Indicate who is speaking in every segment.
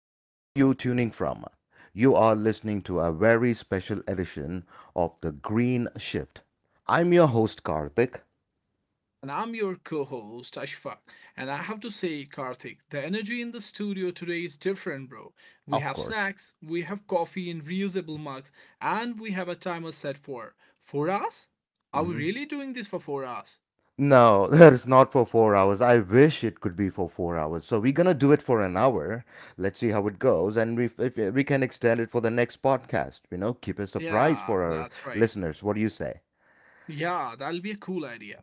Speaker 1: Wherever you're tuning from, you are listening to a very special edition of The Green Shift. I'm your host, Karthik,
Speaker 2: And I'm your co host, Ashfaq. And I have to say, Karthik, the energy in the studio today is different, bro. We
Speaker 1: of
Speaker 2: have
Speaker 1: course.
Speaker 2: snacks, we have coffee in reusable mugs, and we have a timer set for 4 hours? Are we
Speaker 1: Mhm.
Speaker 2: really doing this for 4 hours?
Speaker 1: No, that is not for 4 hours. I wish it could be for 4 hours. So we're gonna do it for an hour. Let's see how it goes, and we if we can extend it for the next podcast. You know, keep a surprise
Speaker 2: Yeah,
Speaker 1: for our
Speaker 2: that's right.
Speaker 1: listeners. What do you say?
Speaker 2: Yeah, that'll be a cool idea.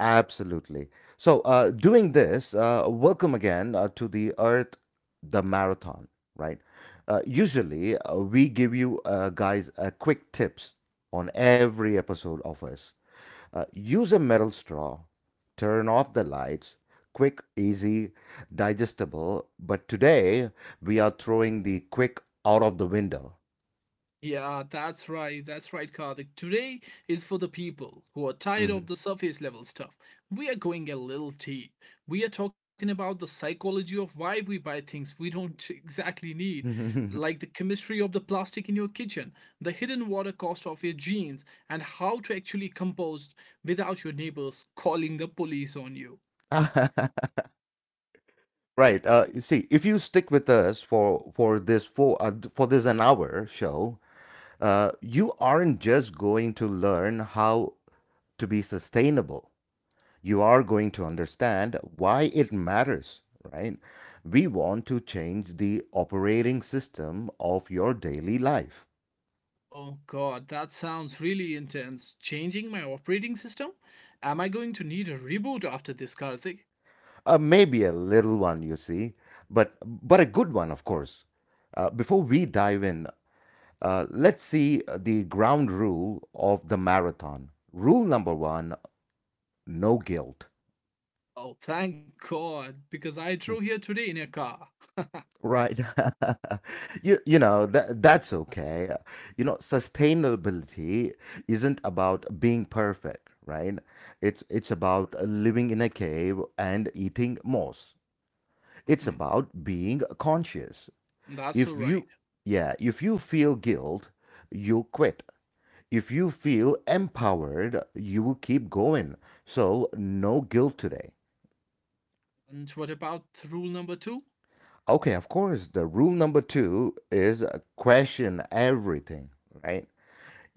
Speaker 1: Absolutely. So, doing this, welcome again to the Earth, the marathon, right? Usually, we give you guys quick tips on every episode of us. Use a metal straw, turn off the lights, quick, easy, digestible. But today, we are throwing the quick out of the window.
Speaker 2: Yeah, that's right. That's right, Karthik. Today is for the people who are tired of the surface level stuff. We are going a little deep. We are talking about the psychology of why we buy things we don't exactly need,
Speaker 1: Mhm.
Speaker 2: like the chemistry of the plastic in your kitchen, the hidden water cost of your jeans, and how to actually compost without your neighbors calling the police on you.
Speaker 1: Right. You see, if you stick with us for this an hour show, you aren't just going to learn how to be sustainable. You are going to understand why it matters. Right. We want to change the operating system of your daily life.
Speaker 2: Oh god, that sounds really intense. Changing my operating system? Am I going to need a reboot after this, Karthik?
Speaker 1: Maybe a little one, you see, but a good one, of course. Before we dive in, let's see the ground rule of the marathon. Rule number one: no guilt.
Speaker 2: Oh, thank God, because I drove here today in a car.
Speaker 1: Right? You know that that's okay. You know, sustainability isn't about being perfect, right? It's about living in a cave and eating moss. It's
Speaker 2: Mhm.
Speaker 1: about being conscious.
Speaker 2: That's
Speaker 1: If
Speaker 2: all
Speaker 1: you
Speaker 2: right.
Speaker 1: yeah, if you feel guilt, you quit. If you feel empowered, you will keep going. So, no guilt today.
Speaker 2: And what about rule number two?
Speaker 1: Okay, of course, the rule number two is question everything, right?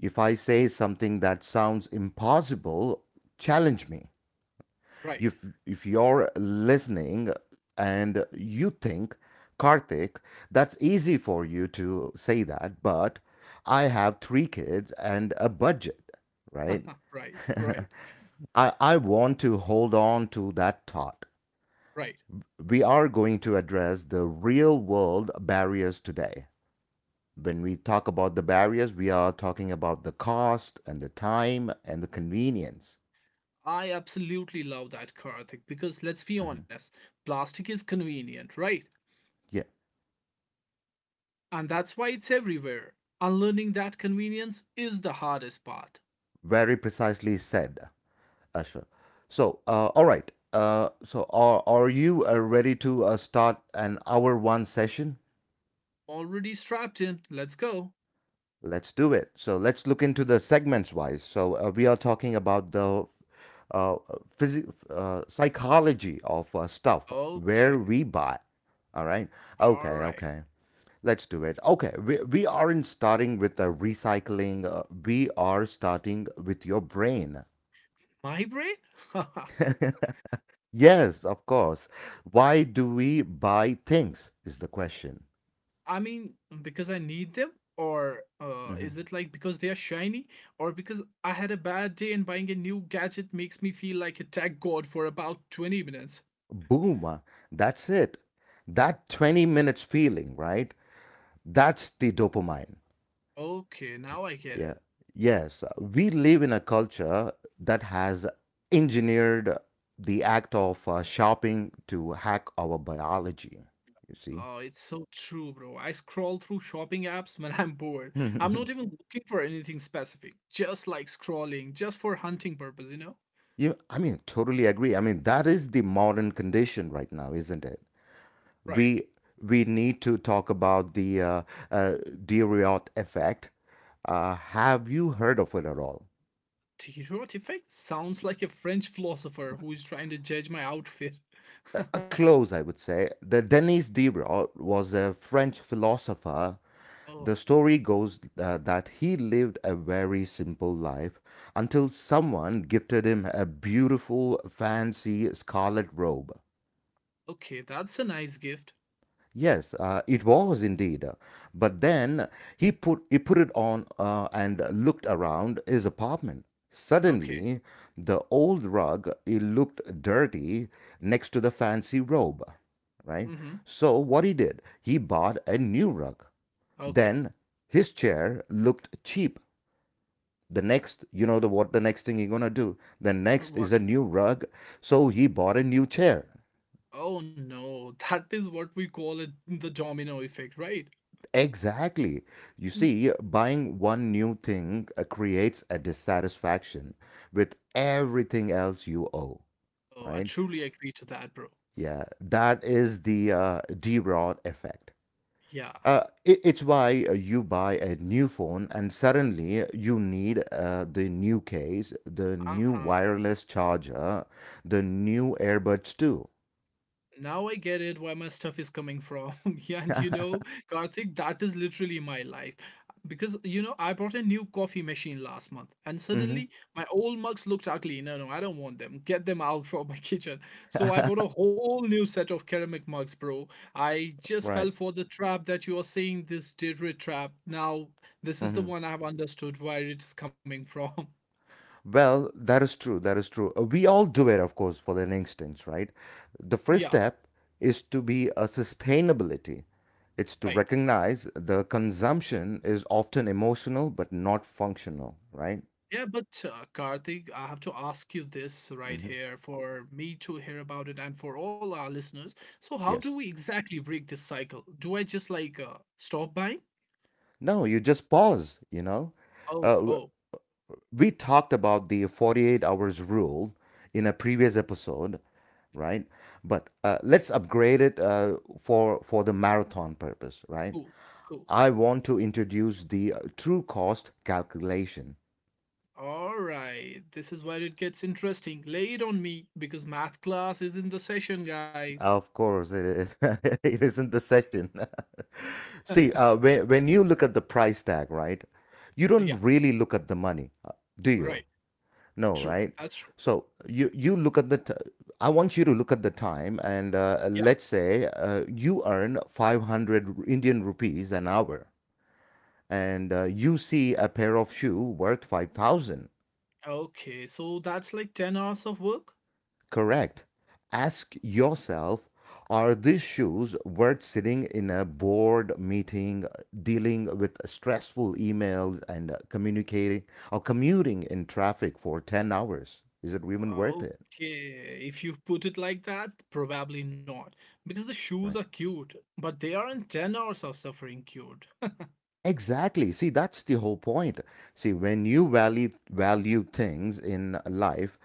Speaker 1: If I say something that sounds impossible, challenge me.
Speaker 2: Right,
Speaker 1: If you're listening and you think, Karthik, that's easy for you to say that, but I have three kids and a budget, right?
Speaker 2: right, right,
Speaker 1: I want to hold on to that thought.
Speaker 2: right.
Speaker 1: We are going to address the real world barriers today. When we talk about the barriers, we are talking about the cost and the time and the convenience.
Speaker 2: I absolutely love that, Karthik, because let's be honest, plastic is convenient, right?
Speaker 1: Yeah,
Speaker 2: And that's why it's everywhere. Unlearning that convenience is the hardest part.
Speaker 1: very precisely said, Ashwa. So, all right. So, are you ready to start an hour one session?
Speaker 2: Already strapped in, let's go.
Speaker 1: Let's do it. So let's look into the segments wise. So we are talking about the uh, psychology of stuff
Speaker 2: Okay,
Speaker 1: where we buy. All right.
Speaker 2: all
Speaker 1: Okay.
Speaker 2: right.
Speaker 1: Okay. Let's do it. Okay. We aren't starting with the recycling. We are starting with your brain.
Speaker 2: My brain?
Speaker 1: Yes, of course. Why do we buy things? Is the question.
Speaker 2: I mean, because I need them, or
Speaker 1: hmm
Speaker 2: is it like because they are shiny, or because I had a bad day and buying a new gadget makes me feel like a tech god for about 20 minutes?
Speaker 1: Boom. That's it. That 20 minutes feeling, right? That's the dopamine.
Speaker 2: Okay, now I get
Speaker 1: Yeah.
Speaker 2: it.
Speaker 1: Yes. We live in a culture that has engineered the act of shopping to hack our biology. You see?
Speaker 2: Oh, it's so true, bro. I scroll through shopping apps when I'm bored. I'm not even looking for anything specific, just like scrolling, just for hunting purpose?
Speaker 1: I mean, totally agree. I mean, that is the modern condition right now, isn't it?
Speaker 2: Right.
Speaker 1: We we need to talk about the uh, Diriot effect. Have you heard of it at all?
Speaker 2: Tirot effect sounds like a French philosopher who is trying to judge my outfit.
Speaker 1: A close, I would say. The Denis Diderot was a French philosopher.
Speaker 2: Oh,
Speaker 1: The story goes that he lived a very simple life until someone gifted him a beautiful, fancy scarlet robe.
Speaker 2: okay, that's a nice gift.
Speaker 1: Yes, it was indeed. But then he put it on and looked around his apartment.
Speaker 2: Okay.
Speaker 1: Suddenly, the old rug it looked dirty next to the fancy robe, right?
Speaker 2: Mm-hmm.
Speaker 1: So what he did, he bought a new rug.
Speaker 2: Okay.
Speaker 1: Then his chair looked cheap, the next thing you're going to do, the next is a
Speaker 2: What?
Speaker 1: new rug so he bought a new chair.
Speaker 2: Oh no, that is what we call it the domino effect, right?
Speaker 1: Exactly. You
Speaker 2: Mm.
Speaker 1: see, buying one new thing creates a dissatisfaction with everything else you owe,
Speaker 2: Oh, I
Speaker 1: right?
Speaker 2: truly agree to that, bro.
Speaker 1: Yeah, that is the d-rod effect.
Speaker 2: Yeah.
Speaker 1: It's why you buy a new phone and suddenly you need the new case, the new
Speaker 2: Uh-huh.
Speaker 1: wireless charger, the new earbuds too.
Speaker 2: Now I get it why my stuff is coming from. Yeah, and you know, Karthik, that is literally my life. Because, you know, I bought a new coffee machine last month and
Speaker 1: Mm-hmm.
Speaker 2: suddenly my old mugs looked ugly. No, no, I don't want them. Get them out from my kitchen. So I bought a whole new set of ceramic mugs, bro. I just fell
Speaker 1: Right.
Speaker 2: for the trap that you are saying this Deidre trap. Now, this is the
Speaker 1: Hmm.
Speaker 2: one I've understood where it is coming from.
Speaker 1: Well, that is true. That is true. We all do it, of course, for an instance, right? The first
Speaker 2: Yeah,
Speaker 1: step is to be a sustainability. It's to
Speaker 2: right.
Speaker 1: recognize the consumption is often emotional but not functional, right?
Speaker 2: Yeah, but Karthik, I have to ask you this right
Speaker 1: Hmm.
Speaker 2: here for me to hear about it and for all our listeners. So, how do
Speaker 1: Yes.
Speaker 2: we exactly break this cycle? Do I just stop buying?
Speaker 1: No, you just pause, you know? Uh,
Speaker 2: Oh,
Speaker 1: w-
Speaker 2: oh,
Speaker 1: we talked about the 48 hours rule in a previous episode, right? But let's upgrade it for the marathon purpose, right?
Speaker 2: cool, cool.
Speaker 1: I want to introduce the true cost calculation.
Speaker 2: All right, this is where it gets interesting. Lay it on me because math class is in the session, guys.
Speaker 1: Of course, it is. It isn't the session. See, when you look at the price tag, right, you don't
Speaker 2: yeah,
Speaker 1: really look at the money, do you?
Speaker 2: right.
Speaker 1: No,
Speaker 2: True.
Speaker 1: right?
Speaker 2: That's true.
Speaker 1: So you look at the, t- I want you to look at the time, and
Speaker 2: Yeah.
Speaker 1: let's say you earn 500 Indian rupees an hour, and you see a pair of shoe worth 5,000.
Speaker 2: Okay, so that's like 10 hours of work.
Speaker 1: Correct. Ask yourself, are these shoes worth sitting in a board meeting, dealing with stressful emails, and communicating or commuting in traffic for 10 hours? Is it even worth it?
Speaker 2: Okay, if you put it like that, probably not. Because the shoes are
Speaker 1: Right.
Speaker 2: cute, but they aren't 10 hours of suffering cured.
Speaker 1: Exactly. See, that's the whole point. See, when you value things in life,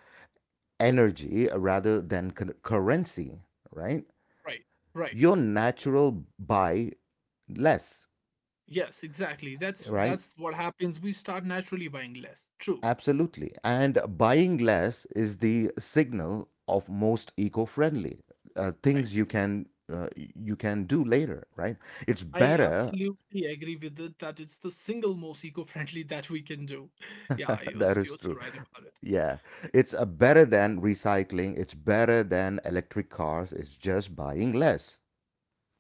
Speaker 1: energy rather than currency, right?
Speaker 2: Right, right.
Speaker 1: Your natural buy less,
Speaker 2: Yes, exactly. That's
Speaker 1: right?
Speaker 2: what happens. We start naturally buying less. True.
Speaker 1: Absolutely. And buying less is the signal of most eco-friendly things
Speaker 2: Right.
Speaker 1: you can do later, right? It's
Speaker 2: I
Speaker 1: better.
Speaker 2: absolutely agree with it that it's the single most eco-friendly that we can do. Yeah, you're,
Speaker 1: That
Speaker 2: s-
Speaker 1: is
Speaker 2: you're so
Speaker 1: true.
Speaker 2: right about it.
Speaker 1: Yeah. It's better than recycling. It's better than electric cars. It's just buying less.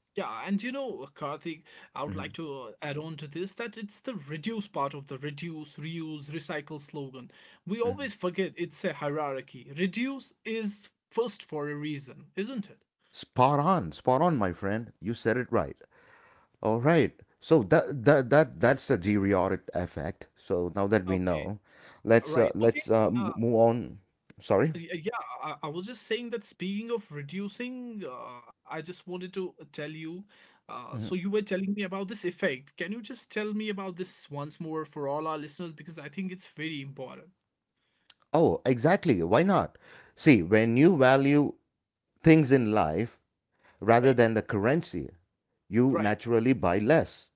Speaker 2: Yeah, and you know, Karthik, I would like
Speaker 1: Hmm.
Speaker 2: to add on to this that it's the reduce part of the reduce, reuse, recycle slogan. We
Speaker 1: Hmm.
Speaker 2: always forget it's a hierarchy. Reduce is first for a reason, isn't it?
Speaker 1: Spot on. Spot on, my friend. You said it right. All right. So that's the Geriatric effect. So now that we
Speaker 2: Okay,
Speaker 1: know, let's
Speaker 2: right. Okay. Uh,
Speaker 1: move on. Sorry.
Speaker 2: yeah, I was just saying that speaking of reducing, I just wanted to tell you. So
Speaker 1: Mhm.
Speaker 2: you were telling me about this effect. Can you just tell me about this once more for all our listeners? Because I think it's very important.
Speaker 1: Oh, exactly. Why not? See, when you value things in life
Speaker 2: Right,
Speaker 1: rather than the currency, you
Speaker 2: right.
Speaker 1: naturally buy less,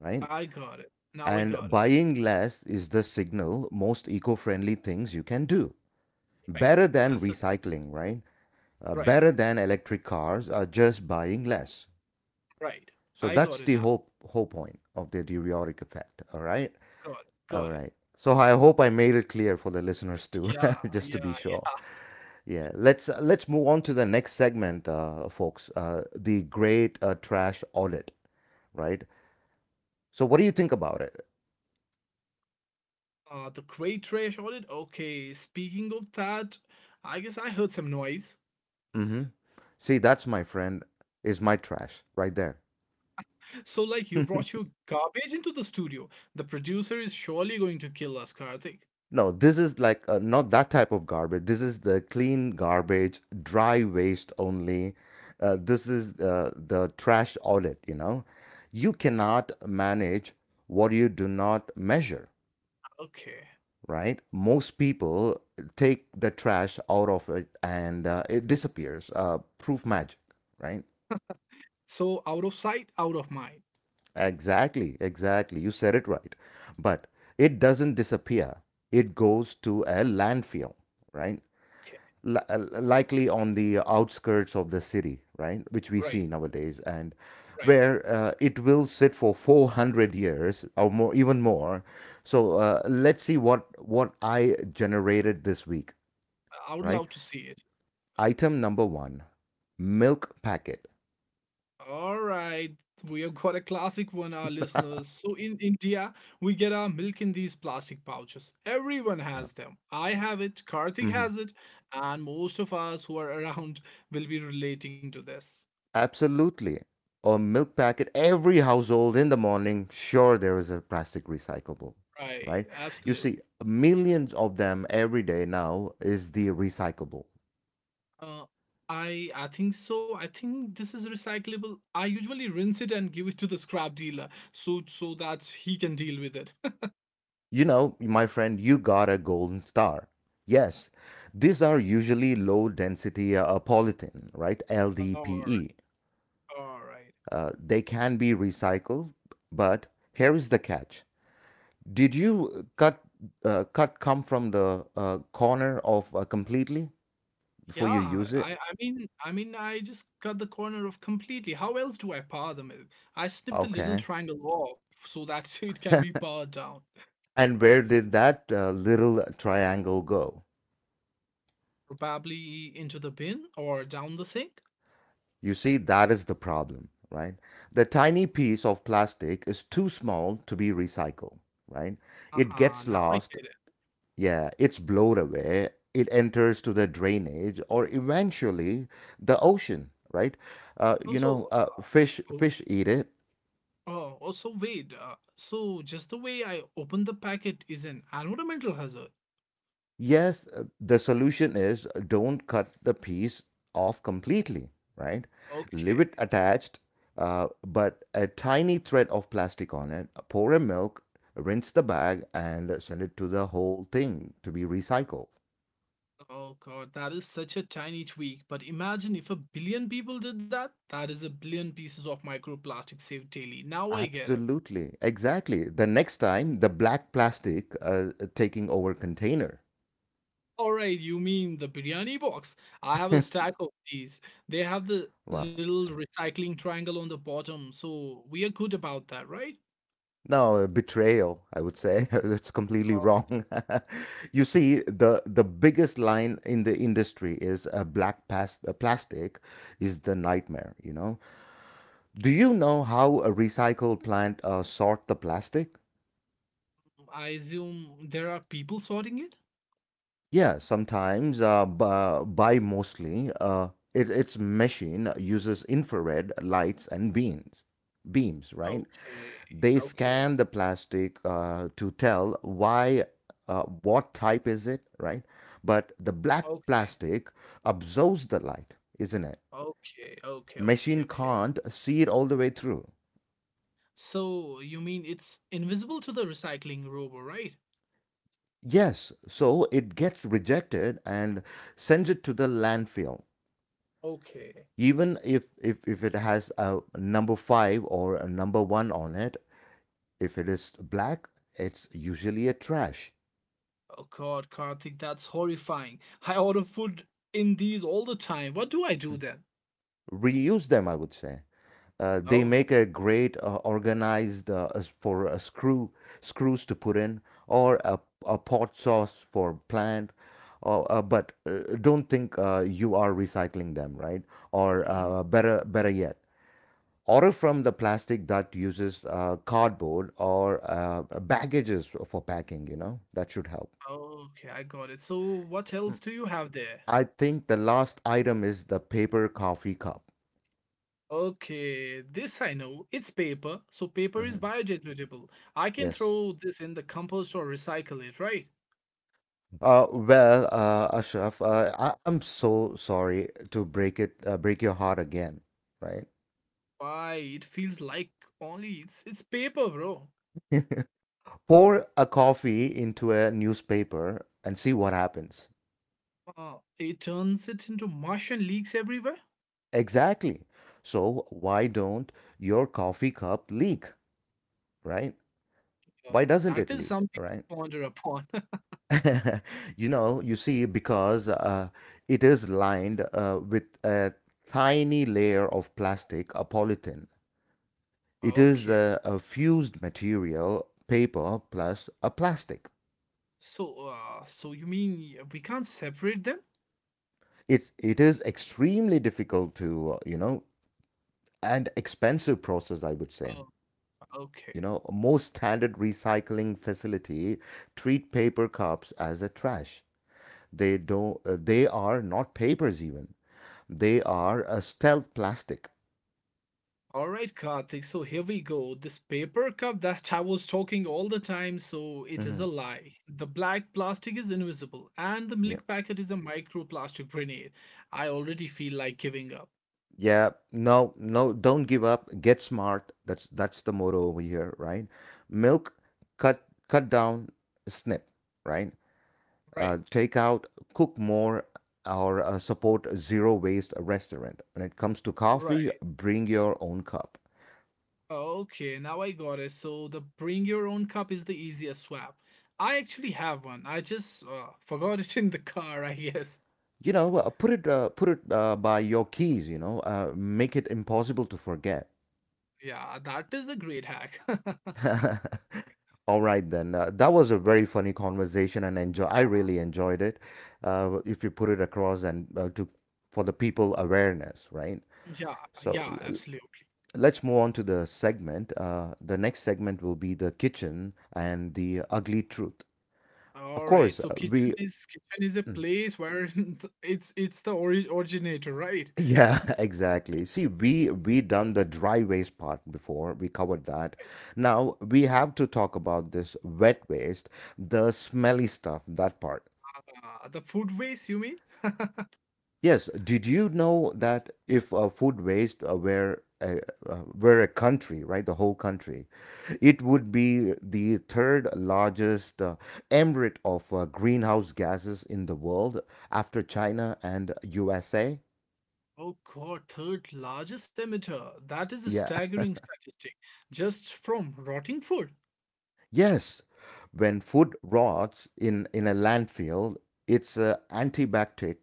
Speaker 1: right?
Speaker 2: I got it. Now I
Speaker 1: And
Speaker 2: got it.
Speaker 1: buying less is the signal most eco-friendly things you can do.
Speaker 2: Right.
Speaker 1: Better than
Speaker 2: That's it.
Speaker 1: recycling, right?
Speaker 2: Right.
Speaker 1: Better than electric cars are just buying less.
Speaker 2: Right. I
Speaker 1: So
Speaker 2: got
Speaker 1: that's
Speaker 2: it
Speaker 1: the
Speaker 2: now.
Speaker 1: whole point of the diuretic effect. All right,
Speaker 2: Got it.
Speaker 1: all
Speaker 2: Got it.
Speaker 1: right. So I hope I made it clear for the listeners too,
Speaker 2: Yeah.
Speaker 1: just
Speaker 2: Yeah,
Speaker 1: to be sure.
Speaker 2: yeah.
Speaker 1: Yeah, let's move on to the next segment, folks. The great trash audit, right? So what do you think about it?
Speaker 2: The great trash audit. Okay. Speaking of that, I guess I heard some noise.
Speaker 1: Mm-hmm. See, that's my friend is my trash right there.
Speaker 2: So, like, you brought your garbage into the studio. The producer is surely going to kill us, Karthik.
Speaker 1: No, this is like not that type of garbage. This is the clean garbage, dry waste only. This is the trash audit, you know. You cannot manage what you do not measure,
Speaker 2: Okay.
Speaker 1: right? Most people take the trash out of it and it disappears. Proof magic, right?
Speaker 2: So, out of sight, out of mind.
Speaker 1: Exactly, exactly. You said it right. But it doesn't disappear, it goes to a landfill, right?
Speaker 2: Okay.
Speaker 1: Likely on the outskirts of the city, right? Which we
Speaker 2: Right.
Speaker 1: see nowadays, and
Speaker 2: Right.
Speaker 1: where it will sit for 400 years or more, even more. So let's see what I generated this week,
Speaker 2: I would
Speaker 1: right?
Speaker 2: love to see it.
Speaker 1: Item number one, milk packet.
Speaker 2: All right, we have got a classic one, our listeners. So in India, we get our milk in these plastic pouches. Everyone
Speaker 1: Yeah.
Speaker 2: has them. I have it, Karthik
Speaker 1: Hmm.
Speaker 2: has it, and most of us who are around will be relating to this.
Speaker 1: Absolutely. A milk packet. Every household in the morning, sure, there is a plastic recyclable,
Speaker 2: Right,
Speaker 1: right? You
Speaker 2: absolutely.
Speaker 1: see, millions of them every day now is the recyclable.
Speaker 2: Uh, I think so. I think this is recyclable. I usually rinse it and give it to the scrap dealer so that he can deal with it.
Speaker 1: You know, my friend, you got a golden star. Yes, these are usually low density polythene, right?
Speaker 2: All right,
Speaker 1: LDPE.
Speaker 2: all right.
Speaker 1: They can be recycled, but here is the catch. Did you cut come from the corner of completely before
Speaker 2: Yeah,
Speaker 1: you use it?
Speaker 2: I mean I just cut the corner off completely. How else do I power the milk? I snip the little
Speaker 1: Okay.
Speaker 2: triangle off so that it can be powered down.
Speaker 1: And where did that little triangle go?
Speaker 2: Probably into the bin or down the sink.
Speaker 1: You see, that is the problem, right? The tiny piece of plastic is too small to be recycled, right?
Speaker 2: Ah
Speaker 1: It
Speaker 2: huh,
Speaker 1: gets
Speaker 2: now I
Speaker 1: lost,
Speaker 2: get it.
Speaker 1: yeah, it's blown away, it enters to the drainage or eventually the ocean, right?
Speaker 2: So
Speaker 1: You
Speaker 2: so
Speaker 1: know, uh, fish
Speaker 2: uh, oh,
Speaker 1: fish eat it,
Speaker 2: oh also wait. So just the way I open the packet is an environmental hazard.
Speaker 1: yes, the solution is don't cut the piece off completely, right?
Speaker 2: Okay.
Speaker 1: Leave it attached, but a tiny thread of plastic on it, pour a milk, rinse the bag, and send it to the whole thing to be recycled.
Speaker 2: Oh god, that is such a tiny tweak. But imagine if a billion people did that. That is a billion pieces of microplastic saved daily. Now I get it.
Speaker 1: Absolutely, exactly. The next time, the black plastic taking over container.
Speaker 2: Alright, you mean the biryani box? I have a stack of these. They have the
Speaker 1: Wow.
Speaker 2: little recycling triangle on the bottom, so we are good about that, right?
Speaker 1: No, betrayal, I would say. It's completely
Speaker 2: Um,
Speaker 1: wrong. You see, the biggest line in the industry is a black plastic is the nightmare, you know. Do you know how a recycle plant sort the plastic?
Speaker 2: I assume there are people sorting it?
Speaker 1: Yeah, sometimes, by mostly, its machine uses infrared lights and beams, right?
Speaker 2: Okay,
Speaker 1: They
Speaker 2: okay,
Speaker 1: scan the plastic to tell why, what type is it, right? But the black
Speaker 2: okay,
Speaker 1: plastic absorbs the light, isn't it?
Speaker 2: okay, okay, okay,
Speaker 1: Machine
Speaker 2: okay.
Speaker 1: can't see it all the way through.
Speaker 2: So you mean it's invisible to the recycling robot, right?
Speaker 1: Yes, so it gets rejected and sends it to the landfill,
Speaker 2: Okay.
Speaker 1: even if it has a number 5 or a number 1 on it, if it is black, it's usually a trash.
Speaker 2: Oh God, Karthik, that's horrifying. I order food in these all the time. What do I do then?
Speaker 1: Reuse them, I would say. They
Speaker 2: Oh,
Speaker 1: make a great, organized, as for a screws to put in, or a pot sauce for plant, or but don't think you are recycling them, right. Or
Speaker 2: Mhm,
Speaker 1: better yet, or from the plastic that uses cardboard or baggages for packing, that should help.
Speaker 2: okay, I got it. So what else do you have there?
Speaker 1: I think the last item is the paper coffee cup.
Speaker 2: Okay, this I know. It's paper, so paper is
Speaker 1: Mhm.
Speaker 2: biodegradable. I can
Speaker 1: Yes.
Speaker 2: throw this in the compost or recycle it, right?
Speaker 1: Well, Ashraf, I'm so sorry to break it, break your heart again, right?
Speaker 2: Why? It feels like only it's paper, bro.
Speaker 1: Pour a coffee into a newspaper and see what happens.
Speaker 2: It turns it into mush and leaks everywhere.
Speaker 1: Exactly. So why don't your coffee cup leak, right?
Speaker 2: Oh,
Speaker 1: Why doesn't
Speaker 2: that
Speaker 1: it
Speaker 2: is
Speaker 1: leak,
Speaker 2: something
Speaker 1: right?
Speaker 2: to ponder upon.
Speaker 1: You see, because it is lined with a tiny layer of plastic, a polythene. It
Speaker 2: okay.
Speaker 1: is a fused material, paper plus a plastic.
Speaker 2: So, so you mean we can't separate them?
Speaker 1: It is extremely difficult to, and expensive process, I would
Speaker 2: Oh,
Speaker 1: say.
Speaker 2: okay.
Speaker 1: Most standard recycling facility treat paper cups as a trash. They don't. They are not papers even. They are
Speaker 2: Mhm.
Speaker 1: a stealth plastic.
Speaker 2: All right, Karthik. So here we go. This paper cup that I was talking all the time, so it is a
Speaker 1: Mm-hmm.
Speaker 2: lie. The black plastic is invisible, and the
Speaker 1: Yeah.
Speaker 2: milk packet is a microplastic grenade. I already feel like giving up.
Speaker 1: Yeah. No, no, don't give up. Get smart. That's the motto over here, right? Milk, cut down, snip, right?
Speaker 2: Right,
Speaker 1: Take out, cook more, or support a zero waste restaurant. When it comes to
Speaker 2: right.
Speaker 1: coffee, bring your own cup.
Speaker 2: Okay, now I got it. So the bring your own cup is the easiest swap. I actually have one. I just forgot it in the car, I guess.
Speaker 1: You know, put it by your keys. You know, make it impossible to forget.
Speaker 2: Yeah, that is a great hack.
Speaker 1: All right then. That was a very funny conversation, and enjoy. I really enjoyed it. If you put it across and to for the people awareness, right?
Speaker 2: Yeah,
Speaker 1: So
Speaker 2: yeah, absolutely.
Speaker 1: let's move on to the segment. The next segment will be the kitchen and the ugly truth. Of
Speaker 2: All right.
Speaker 1: course,
Speaker 2: So
Speaker 1: we
Speaker 2: kitchen is a
Speaker 1: mm,
Speaker 2: place where it's the ori originator, right?
Speaker 1: yeah, exactly. See, we done the dry waste part before. We covered that. Now we have to talk about this wet waste, the smelly stuff, that part.
Speaker 2: The food waste, you mean?
Speaker 1: Yes, did you know that if food waste were a country, right, the whole country, it would be the third largest emirate of greenhouse gases in the world after China and USA?
Speaker 2: Oh God, third largest emitter. That is a
Speaker 1: Yeah.
Speaker 2: staggering statistic. Just from rotting food.
Speaker 1: Yes, when food rots in a landfill, it's antibacterial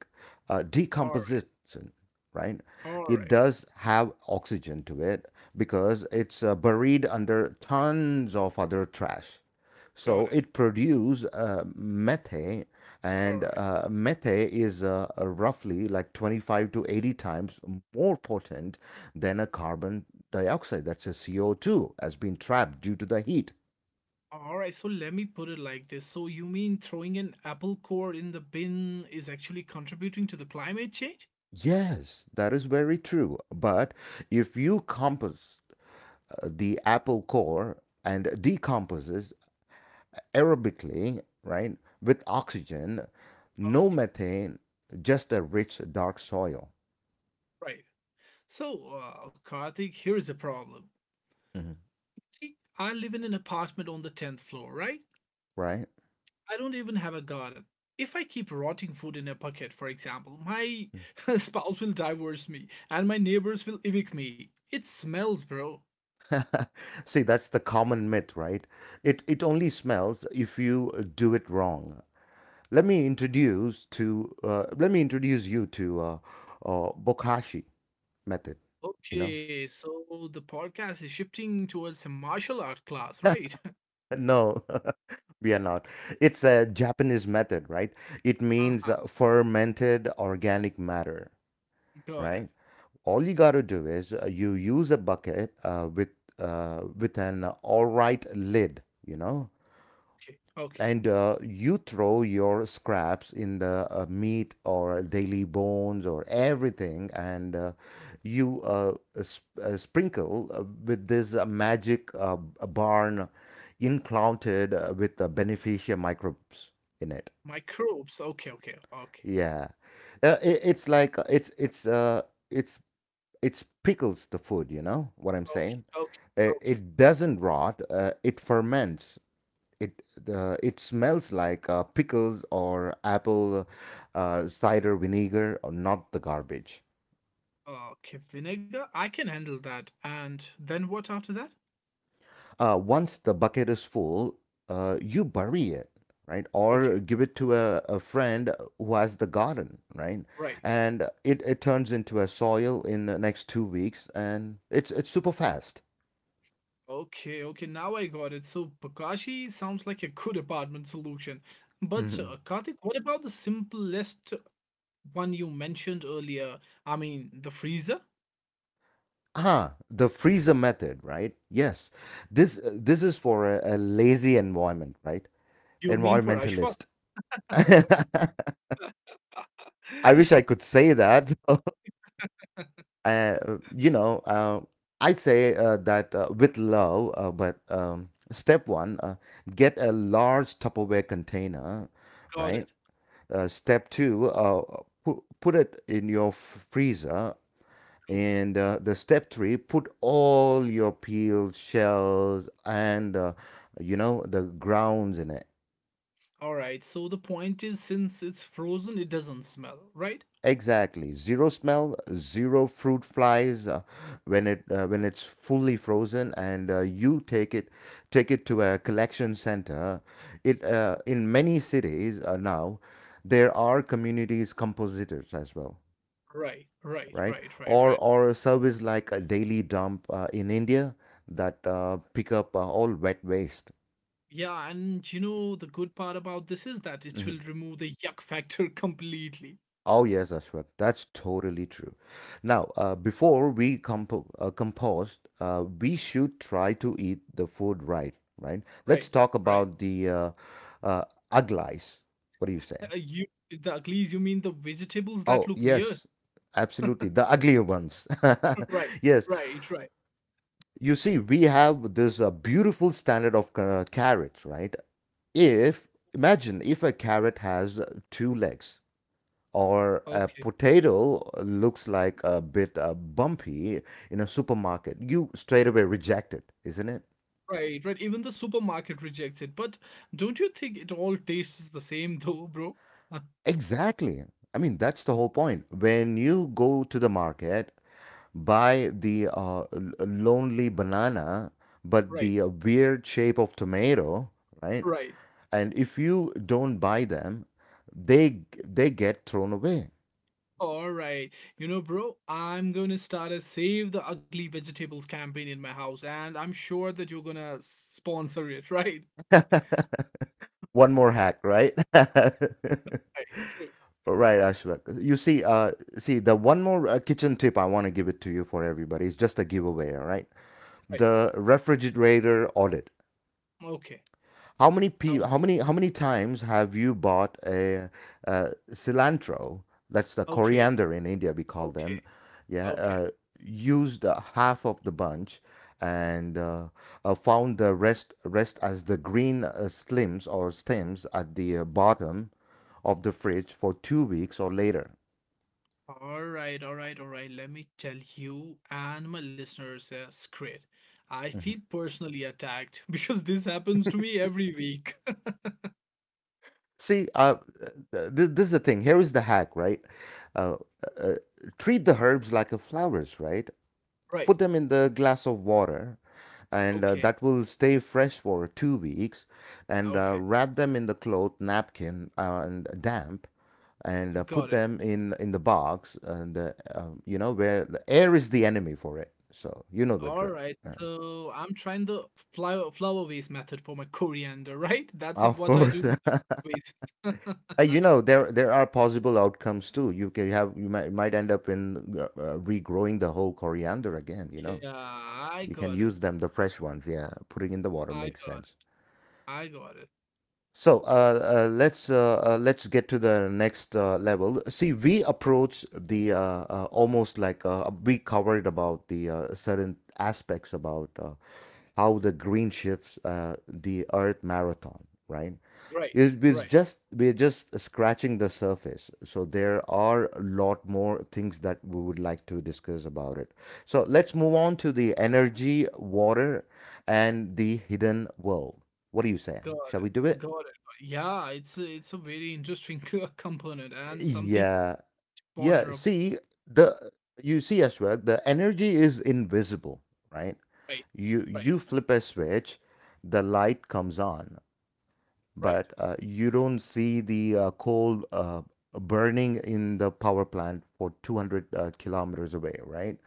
Speaker 2: All right,
Speaker 1: decomposition, right?
Speaker 2: all
Speaker 1: It
Speaker 2: right,
Speaker 1: does have oxygen to it because it's buried under tons of other trash.
Speaker 2: got
Speaker 1: So
Speaker 2: it.
Speaker 1: it produces methane,
Speaker 2: All
Speaker 1: and
Speaker 2: right.
Speaker 1: methane is roughly like 25 to 80 times more potent than a carbon dioxide. That's a CO2 has been trapped due to the heat.
Speaker 2: All right, so let me put it like this. So you mean throwing an apple core in the bin is actually contributing to the climate change?
Speaker 1: Yes, that is very true. But if you compost the apple core and decomposes aerobically, right, with oxygen, no
Speaker 2: Okay,
Speaker 1: methane, just a rich dark soil,
Speaker 2: right. So, Karthik, here is a problem.
Speaker 1: hmm
Speaker 2: See, I live in an apartment on the 10th floor, right?
Speaker 1: right?
Speaker 2: I don't even have a garden. If I keep rotting food in a bucket, for example, my spouse will divorce me and my neighbors will evict me. It smells, bro.
Speaker 1: See, that's the common myth, right? It only smells if you do it wrong. Let me introduce you to Bokashi method. You know.
Speaker 2: Okay, so the podcast is shifting towards a martial art class, right?
Speaker 1: No, we are not. It's a Japanese method, right? It means
Speaker 2: uh-huh,
Speaker 1: fermented organic matter,
Speaker 2: got
Speaker 1: right?
Speaker 2: it.
Speaker 1: All you got to do is you use a bucket with an all right lid, you know.
Speaker 2: Okay, okay.
Speaker 1: And you throw your scraps in the meat or daily bones or everything, and you sprinkle with this magic barn included with the beneficia microbes in it.
Speaker 2: Microbes. Okay,
Speaker 1: Yeah, it's like, it's it's pickles the food, you know what I'm
Speaker 2: okay,
Speaker 1: saying?
Speaker 2: okay, okay.
Speaker 1: It doesn't rot, it ferments. It smells like pickles or apple cider vinegar, or not the garbage.
Speaker 2: Okay, vinegar. I can handle that. And then what after that?
Speaker 1: Once the bucket is full, you bury it, right, or
Speaker 2: Okay,
Speaker 1: give it to a friend who has the garden, right,
Speaker 2: right.
Speaker 1: and it turns into a soil in the next 2 weeks, and it's super fast.
Speaker 2: Okay, okay. Now I got it. So Bakashi sounds like a good apartment solution. But
Speaker 1: Mhm.
Speaker 2: Karthik, what about the simplest one you mentioned earlier? I mean, the freezer.
Speaker 1: Ah, the freezer method, right? Yes, this is for a lazy environment, right?
Speaker 2: You mean for Ashfaq?
Speaker 1: Environmentalist. I wish I could say that. uh, you know, I say that with love, but step one, get a large Tupperware container,
Speaker 2: Got
Speaker 1: right?
Speaker 2: it.
Speaker 1: Step two, put it in your freezer.
Speaker 2: Cool.
Speaker 1: And the step three, put all your peeled shells and, the grounds in it.
Speaker 2: All right. So the point is, since it's frozen, it doesn't smell, right?
Speaker 1: Exactly. Zero smell, zero fruit flies when it's fully frozen, and you take it to a collection center. It In many cities, now there are communities compositors as well,
Speaker 2: Right, right,
Speaker 1: right?
Speaker 2: right, right,
Speaker 1: Or
Speaker 2: right.
Speaker 1: or a service like a daily dump in India, that pick up all wet waste.
Speaker 2: Yeah, and you know, the good part about this is that it will
Speaker 1: Mm-hmm.
Speaker 2: remove the yuck factor completely.
Speaker 1: Oh yes, Ashwak, that's totally true. Now, before we compost, we should try to eat the food right, right?
Speaker 2: Right,
Speaker 1: Let's talk
Speaker 2: right.
Speaker 1: about the uh, uglies. What do you say?
Speaker 2: Uh, you, the uglies, you mean the vegetables that
Speaker 1: Oh
Speaker 2: look weird?
Speaker 1: yes, absolutely, the uglier ones.
Speaker 2: Right,
Speaker 1: Yes,
Speaker 2: right, right.
Speaker 1: you see, we have this beautiful standard of carrots, right? If Imagine if a carrot has two legs, or a
Speaker 2: Okay,
Speaker 1: potato looks like a bit bumpy in a supermarket, you straight away reject it, isn't it?
Speaker 2: right, right. Even the supermarket rejects it. But don't you think it all tastes the same though, bro?
Speaker 1: Exactly. I mean, that's the whole point. When you go to the market, buy the lonely banana, but
Speaker 2: Right,
Speaker 1: the weird shape of tomato, right?
Speaker 2: right.
Speaker 1: And if you don't buy them, they get thrown away.
Speaker 2: All right. You know, bro, I'm gonna start a Save the Ugly Vegetables campaign in my house, and I'm sure that you're gonna sponsor it, right?
Speaker 1: One more hack, right?
Speaker 2: Right, true,
Speaker 1: Right, Ashwak. You see, the one more kitchen tip I want to give it to you for everybody. It's just a giveaway, all right?
Speaker 2: right.
Speaker 1: The refrigerator audit.
Speaker 2: Okay.
Speaker 1: How many pe-
Speaker 2: Um,
Speaker 1: how many How many times have you bought a cilantro? That's the
Speaker 2: okay,
Speaker 1: coriander in India we call them.
Speaker 2: okay,
Speaker 1: Yeah,
Speaker 2: okay.
Speaker 1: used half of the bunch and found the rest as the green slims or stems at the bottom of the fridge for 2 weeks or later.
Speaker 2: All right, all right, all right. Let me tell you and my listeners, it's great. I
Speaker 1: Mm-hmm.
Speaker 2: feel personally attacked because this happens to me every week.
Speaker 1: See, this is the thing. Here is the hack, right? Uh, uh, Treat the herbs like a flowers, right? Put
Speaker 2: Right.
Speaker 1: them in the glass of water, and
Speaker 2: Okay.
Speaker 1: that will stay fresh for 2 weeks. And
Speaker 2: Okay.
Speaker 1: wrap them in the cloth, napkin, and damp, and put
Speaker 2: Got it.
Speaker 1: them in the box. And you know where the air is the enemy for it. So you know the
Speaker 2: All
Speaker 1: drill.
Speaker 2: right.
Speaker 1: Um,
Speaker 2: So I'm trying the flower vase method for my coriander, right? That's
Speaker 1: of
Speaker 2: what I
Speaker 1: course.
Speaker 2: do with the vases.
Speaker 1: You know there are possible outcomes too. You can have You might end up in regrowing the whole coriander again. You know
Speaker 2: Yeah, I
Speaker 1: you can
Speaker 2: got it.
Speaker 1: use them the fresh ones. Yeah, putting in the water
Speaker 2: I
Speaker 1: makes
Speaker 2: got
Speaker 1: sense.
Speaker 2: it. I got it.
Speaker 1: So let's get to the next level. See, we approach the almost like we covered about the certain aspects about how the green shifts the Earth marathon, right?
Speaker 2: Right.
Speaker 1: It is
Speaker 2: Right.
Speaker 1: just We're just scratching the surface. So there are a lot more things that we would like to discuss about it. So let's move on to the energy, water, and the hidden world. What do you say?
Speaker 2: Got
Speaker 1: Shall we do
Speaker 2: it.
Speaker 1: it?
Speaker 2: Got it. Yeah, it's a very interesting component and something
Speaker 1: Yeah.
Speaker 2: to
Speaker 1: Yeah.
Speaker 2: ponder upon.
Speaker 1: See the You see as well, the energy is invisible, right?
Speaker 2: Right,
Speaker 1: You
Speaker 2: right,
Speaker 1: you flip a switch, the light comes on.
Speaker 2: right,
Speaker 1: But you don't see the coal burning in the power plant for 200 kilometers away, right?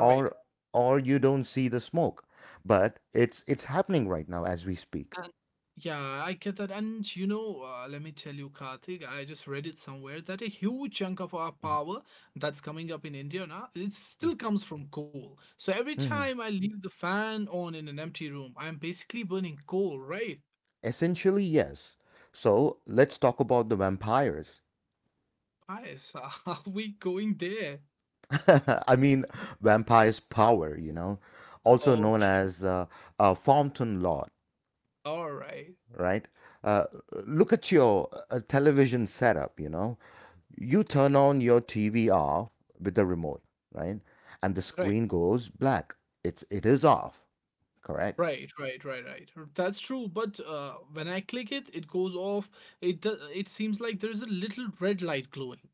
Speaker 2: right.
Speaker 1: or you don't see the smoke, but it's happening right now as we speak.
Speaker 2: And yeah, I get that. And you know, let me tell you, Karthik, I just read it somewhere that a huge chunk of our
Speaker 1: Mhm.
Speaker 2: power that's coming up in India now, it still comes from coal. So every
Speaker 1: Mhm.
Speaker 2: time I leave the fan on in an empty room, I'm basically burning coal, right?
Speaker 1: Essentially, yes. So let's talk about the vampires.
Speaker 2: Guys, are we going there?
Speaker 1: I mean, vampires' power, also known
Speaker 2: Okay,
Speaker 1: as Fountain Lord,
Speaker 2: all right,
Speaker 1: right? Uh, Look at your television setup, you know. You turn on your TV off with the remote, right? And the
Speaker 2: right.
Speaker 1: screen goes black. It is off, correct?
Speaker 2: Right, right, right, right. That's true. But when I click it, it goes off. It seems like there is a little red light glowing.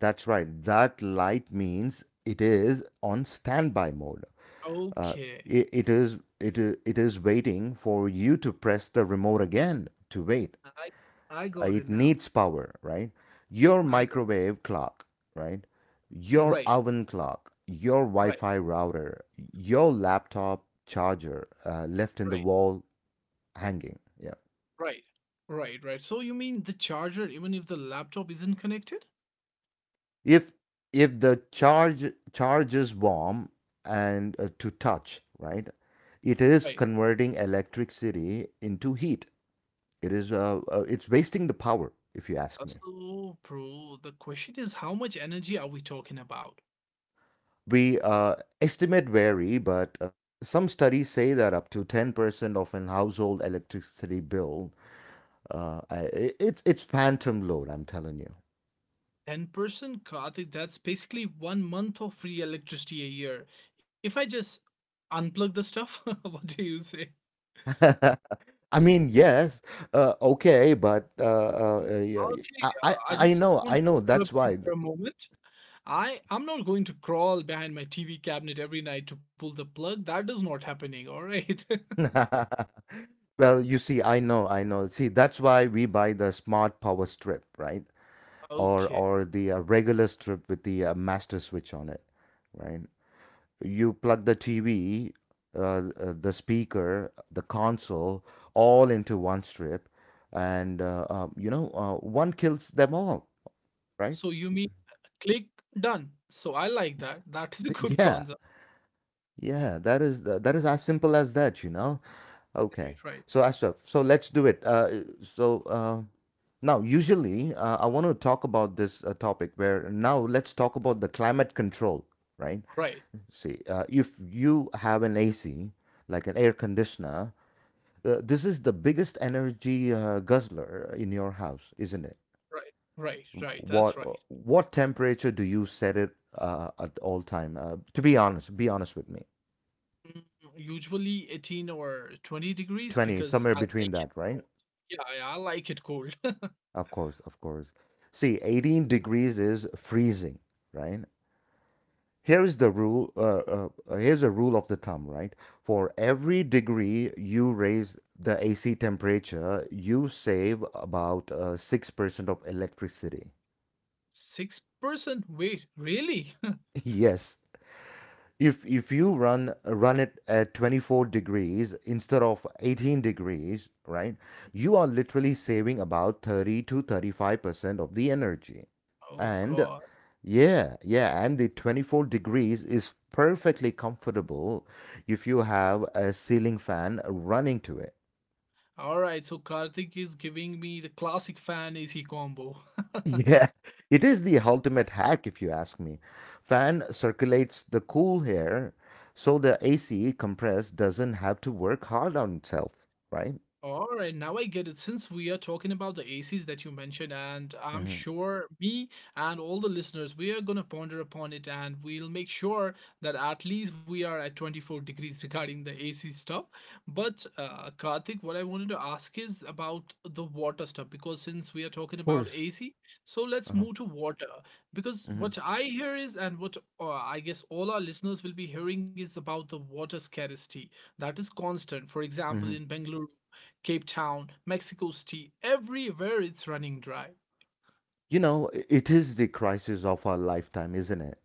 Speaker 1: That's right. That light means it is on standby mode. Uh,
Speaker 2: Okay,
Speaker 1: it is waiting for you to press the remote again to wait.
Speaker 2: I I got it
Speaker 1: It
Speaker 2: now.
Speaker 1: needs power, right? Your
Speaker 2: I got
Speaker 1: microwave clock, right? Your
Speaker 2: right,
Speaker 1: oven clock, your Wi
Speaker 2: right,
Speaker 1: Fi router, your laptop charger left in the
Speaker 2: right,
Speaker 1: wall hanging. Yeah.
Speaker 2: right, right, right. So you mean the charger, even if the laptop isn't connected?
Speaker 1: If if the charge is warm and to touch, right? It
Speaker 2: Right.
Speaker 1: is converting electricity into heat. It's wasting the power, if you ask
Speaker 2: Uh,
Speaker 1: me.
Speaker 2: So, bro, the question is, how much energy are we talking about?
Speaker 1: We estimate vary, but some studies say that up to 10% of an household electricity bill, it's phantom load. I'm telling you.
Speaker 2: 10% Karthik, that's basically one month of free electricity a year. If I just unplug the stuff, what do you say?
Speaker 1: I mean, yes, okay, but yeah,
Speaker 2: Okay,
Speaker 1: I, I
Speaker 2: I
Speaker 1: I
Speaker 2: just
Speaker 1: know,
Speaker 2: want to
Speaker 1: I know.
Speaker 2: interrupt
Speaker 1: That's
Speaker 2: you
Speaker 1: why.
Speaker 2: for a moment. I'm not going to crawl behind my TV cabinet every night to pull the plug. That is not happening. All right.
Speaker 1: Well, you see, I know, I know. See, that's why we buy the smart power strip, right? Or
Speaker 2: Okay.
Speaker 1: or the regular strip with the master switch on it, right? You plug the TV, the speaker, the console, all into one strip, and one kills them all, right?
Speaker 2: So you mean click done. So I like that. That is a good
Speaker 1: Yeah,
Speaker 2: concept.
Speaker 1: yeah. That is as simple as that, you know.
Speaker 2: Right.
Speaker 1: Okay.
Speaker 2: Right.
Speaker 1: So Ashraf, so let's do it. Now, usually, I want to talk about this topic where now let's talk about the climate control, right?
Speaker 2: Right.
Speaker 1: See, if you have an AC, like an air conditioner. This is the biggest energy guzzler in your house, isn't it?
Speaker 2: Right. Right. Right. That's
Speaker 1: What
Speaker 2: right.
Speaker 1: uh, what temperature do you set it at all time? To be honest with me.
Speaker 2: Mm, Usually 18 or 20 degrees
Speaker 1: 20,
Speaker 2: because
Speaker 1: somewhere
Speaker 2: I like
Speaker 1: between
Speaker 2: it
Speaker 1: that, right?
Speaker 2: cold. Yeah, yeah, I like it cold.
Speaker 1: Of course, of course. See, 18 degrees is freezing, right? Here is the rule. Here's a rule of the thumb, right? For every degree you raise the AC temperature, you save about 6% of electricity.
Speaker 2: 6%? Wait, really?
Speaker 1: Yes, if you run it at 24 degrees instead of 18 degrees, right? You are literally saving about 30 to 35% of the energy.
Speaker 2: Oh
Speaker 1: And
Speaker 2: God.
Speaker 1: yeah, yeah, and the 24 degrees is perfectly comfortable if you have a ceiling fan running to it.
Speaker 2: All right, so Karthik is giving me the classic fan AC combo.
Speaker 1: Yeah, it is the ultimate hack if you ask me. Fan circulates the cool air so the AC compress doesn't have to work hard on itself, right?
Speaker 2: All right, now I get it. Since we are talking about the ACs that you mentioned, and I'm
Speaker 1: Hmm.
Speaker 2: sure me and all the listeners, we are going to ponder upon it and we'll make sure that at least we are at 24 degrees regarding the AC stuff. But, Karthik, what I wanted to ask is about the water stuff because since we are talking
Speaker 1: Of
Speaker 2: about
Speaker 1: course.
Speaker 2: AC, so let's
Speaker 1: Uh-huh.
Speaker 2: move to water. Because
Speaker 1: Hmm.
Speaker 2: what I hear is, and what I guess all our listeners will be hearing is about the water scarcity that is constant. For example,
Speaker 1: Hmm.
Speaker 2: in Bengaluru, Cape Town, Mexico City, everywhere it's running dry.
Speaker 1: You know, it is the crisis of our lifetime, isn't it?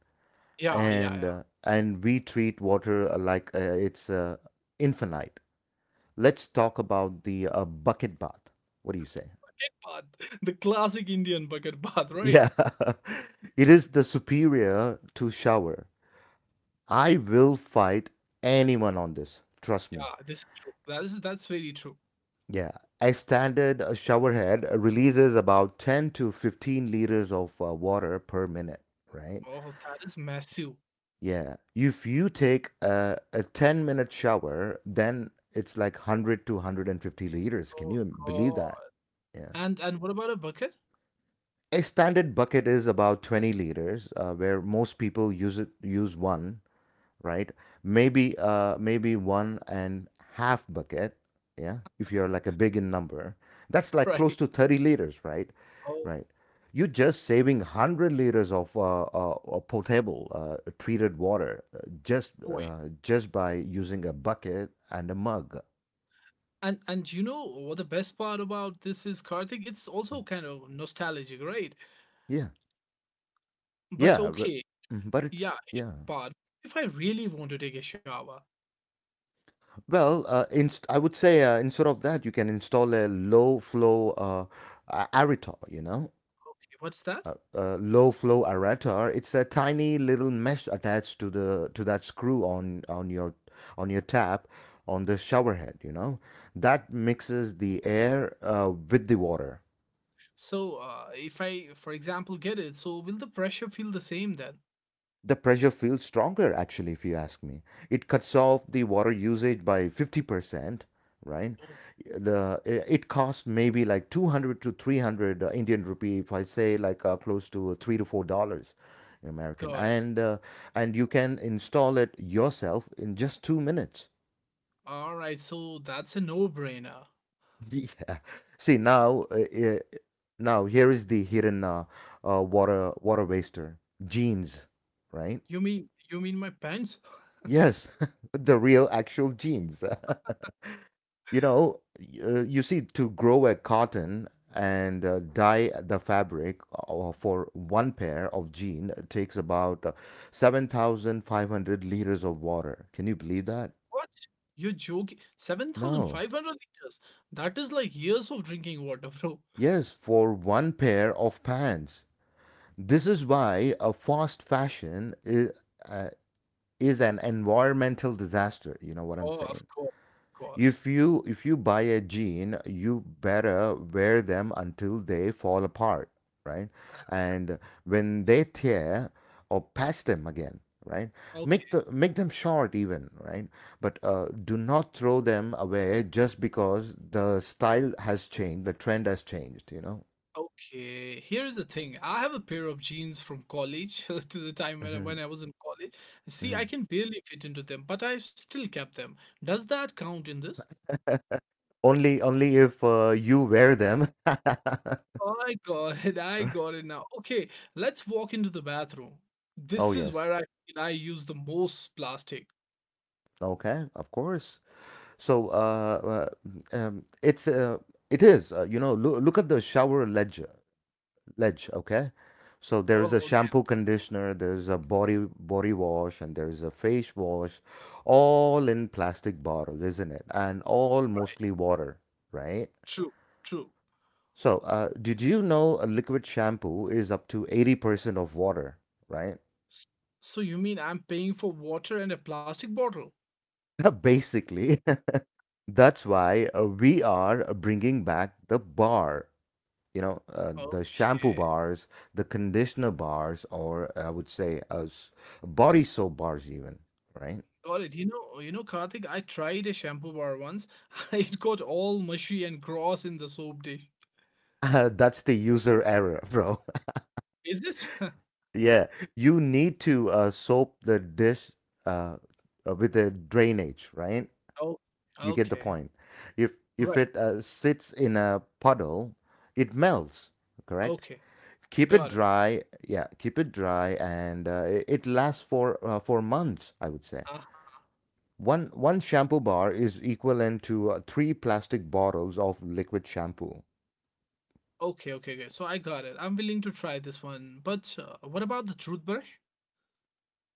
Speaker 2: Yeah, yeah,
Speaker 1: And
Speaker 2: yeah.
Speaker 1: uh, and we treat water like it's infinite. Let's talk about the bucket bath. What do you say?
Speaker 2: But the classic Indian bucket bath, right?
Speaker 1: Yeah. It is the superior to shower. I will fight anyone on this. Trust me.
Speaker 2: Yeah, this is true. That's very true.
Speaker 1: Yeah. A standard showerhead releases about 10 to 15 liters of water per minute, right?
Speaker 2: Oh, that is massive.
Speaker 1: Yeah. If you take a 10-minute shower, then it's like 100 to 150 liters. Can
Speaker 2: Oh
Speaker 1: you believe that?
Speaker 2: God.
Speaker 1: Yeah.
Speaker 2: And what about a bucket?
Speaker 1: A standard bucket is about 20 liters, where most people use it, use one, right? Maybe one and half bucket, yeah, if you're like a big in number. That's like close
Speaker 2: Right.
Speaker 1: to 30 liters, right?
Speaker 2: Oh
Speaker 1: Right. You're just saving 100 liters of potable treated water,
Speaker 2: boy.
Speaker 1: just by using a bucket and a mug.
Speaker 2: And you know what the best part about this is, Karthik? It's also kind of nostalgic, right?
Speaker 1: Yeah.
Speaker 2: But
Speaker 1: Yeah, but,
Speaker 2: okay,
Speaker 1: mhm, but it's
Speaker 2: yeah, here's
Speaker 1: yeah.
Speaker 2: the part. If I really want to take a shower,
Speaker 1: Well, I would say instead of that, you can install a low flow aerotol, you know,
Speaker 2: okay, what's that?
Speaker 1: low flow aerator. It's a tiny little mesh attached to the to that screw on your on your tap on the shower head. You know, that mixes the air with the water.
Speaker 2: So, if I, for example, get it, so will the pressure feel the same then?
Speaker 1: The pressure feels stronger actually if you ask me. It cuts off the water usage by 50%, right? The it costs maybe like 200 to 300 indian rupee, if I say like close to 3 to $4 american.
Speaker 2: Got it.
Speaker 1: And you can install it yourself in just 2 minutes.
Speaker 2: All right, so that's a no-brainer.
Speaker 1: yeah. See now, uh, now here is the hidden water waster, jeans, right?
Speaker 2: You mean my pants?
Speaker 1: Yes, the real actual genes. You see, to grow a cotton and dye the fabric for one pair of jean takes about 7,500 liters of water. Can you believe that?
Speaker 2: What? You're joking?
Speaker 1: No.
Speaker 2: 7,500 liters. That is like years of drinking water, bro.
Speaker 1: Yes, for one pair of pants. This is why a fast fashion uh, is an environmental disaster. You know what I'm
Speaker 2: Oh, of
Speaker 1: saying?
Speaker 2: course, of course.
Speaker 1: If you buy a jean, you better wear them until they fall apart, right? And when they tear or patch them again, right? Make
Speaker 2: Okay.
Speaker 1: the make them short even, right? But do not throw them away just because the style has changed, the trend has changed, you know.
Speaker 2: Okay, here is the thing. I have a pair of jeans from college to the time when I,
Speaker 1: Mhm,
Speaker 2: when I was in college. See, I
Speaker 1: mhm.
Speaker 2: can barely fit into them, but I still kept them. Does that count in this?
Speaker 1: Only only if you wear them.
Speaker 2: I got it. I got it now. Okay, let's walk into the bathroom.
Speaker 1: Oh
Speaker 2: This is
Speaker 1: yes.
Speaker 2: where I feel I use the most plastic.
Speaker 1: Okay, of course. So uh, it's it is you know, look at the shower ledge ledge, okay. So there is a
Speaker 2: Oh, okay.
Speaker 1: shampoo conditioner, there's a body wash, and there's a face wash, all in plastic bottle, isn't it? And all mostly water, right?
Speaker 2: True, true.
Speaker 1: So did you know a liquid shampoo is up to 80% of water, right?
Speaker 2: S- So you mean I'm paying for water and a plastic bottle?
Speaker 1: Basically, that's why we are bringing back the bar, you know, the
Speaker 2: Okay.
Speaker 1: shampoo bars, the conditioner bars, or I would say body soap bars even, right?
Speaker 2: Got it. You know, Karthik, I tried a shampoo bar once. It got all mushy and gross in the soap dish.
Speaker 1: That's the user error, bro.
Speaker 2: Is it?
Speaker 1: yeah, you need to soap the dish uh, with the drainage, right?
Speaker 2: Oh,
Speaker 1: You get the
Speaker 2: okay.
Speaker 1: point. If
Speaker 2: Right.
Speaker 1: it sits in a puddle, it melts, correct.
Speaker 2: Okay.
Speaker 1: Keep it
Speaker 2: Got it.
Speaker 1: dry, yeah, keep it dry, and it it lasts for months, I would say.
Speaker 2: Uh,
Speaker 1: One one shampoo bar is equivalent to three plastic bottles of liquid shampoo.
Speaker 2: okay, okay, okay. So I got it. I'm willing to try this one. But what about the toothbrush?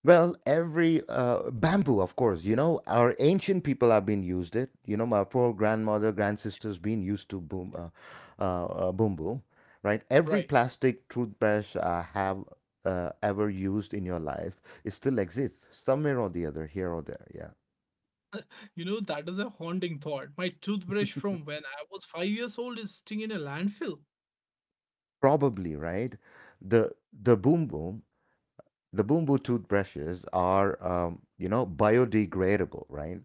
Speaker 1: Well, every bamboo, of course, you know, our ancient people have been used it. You know, my poor grandmother, grandsisters been used to boom, bamboo, right? Every
Speaker 2: Right.
Speaker 1: plastic toothbrush have ever used in your life, it still exists somewhere or the other, here or there. Yeah,
Speaker 2: You know, that is a haunting thought. My toothbrush from when I was 5 years old is sitting in a landfill.
Speaker 1: probably, right? The boom, the Boom toothbrushes are, you know, biodegradable, right?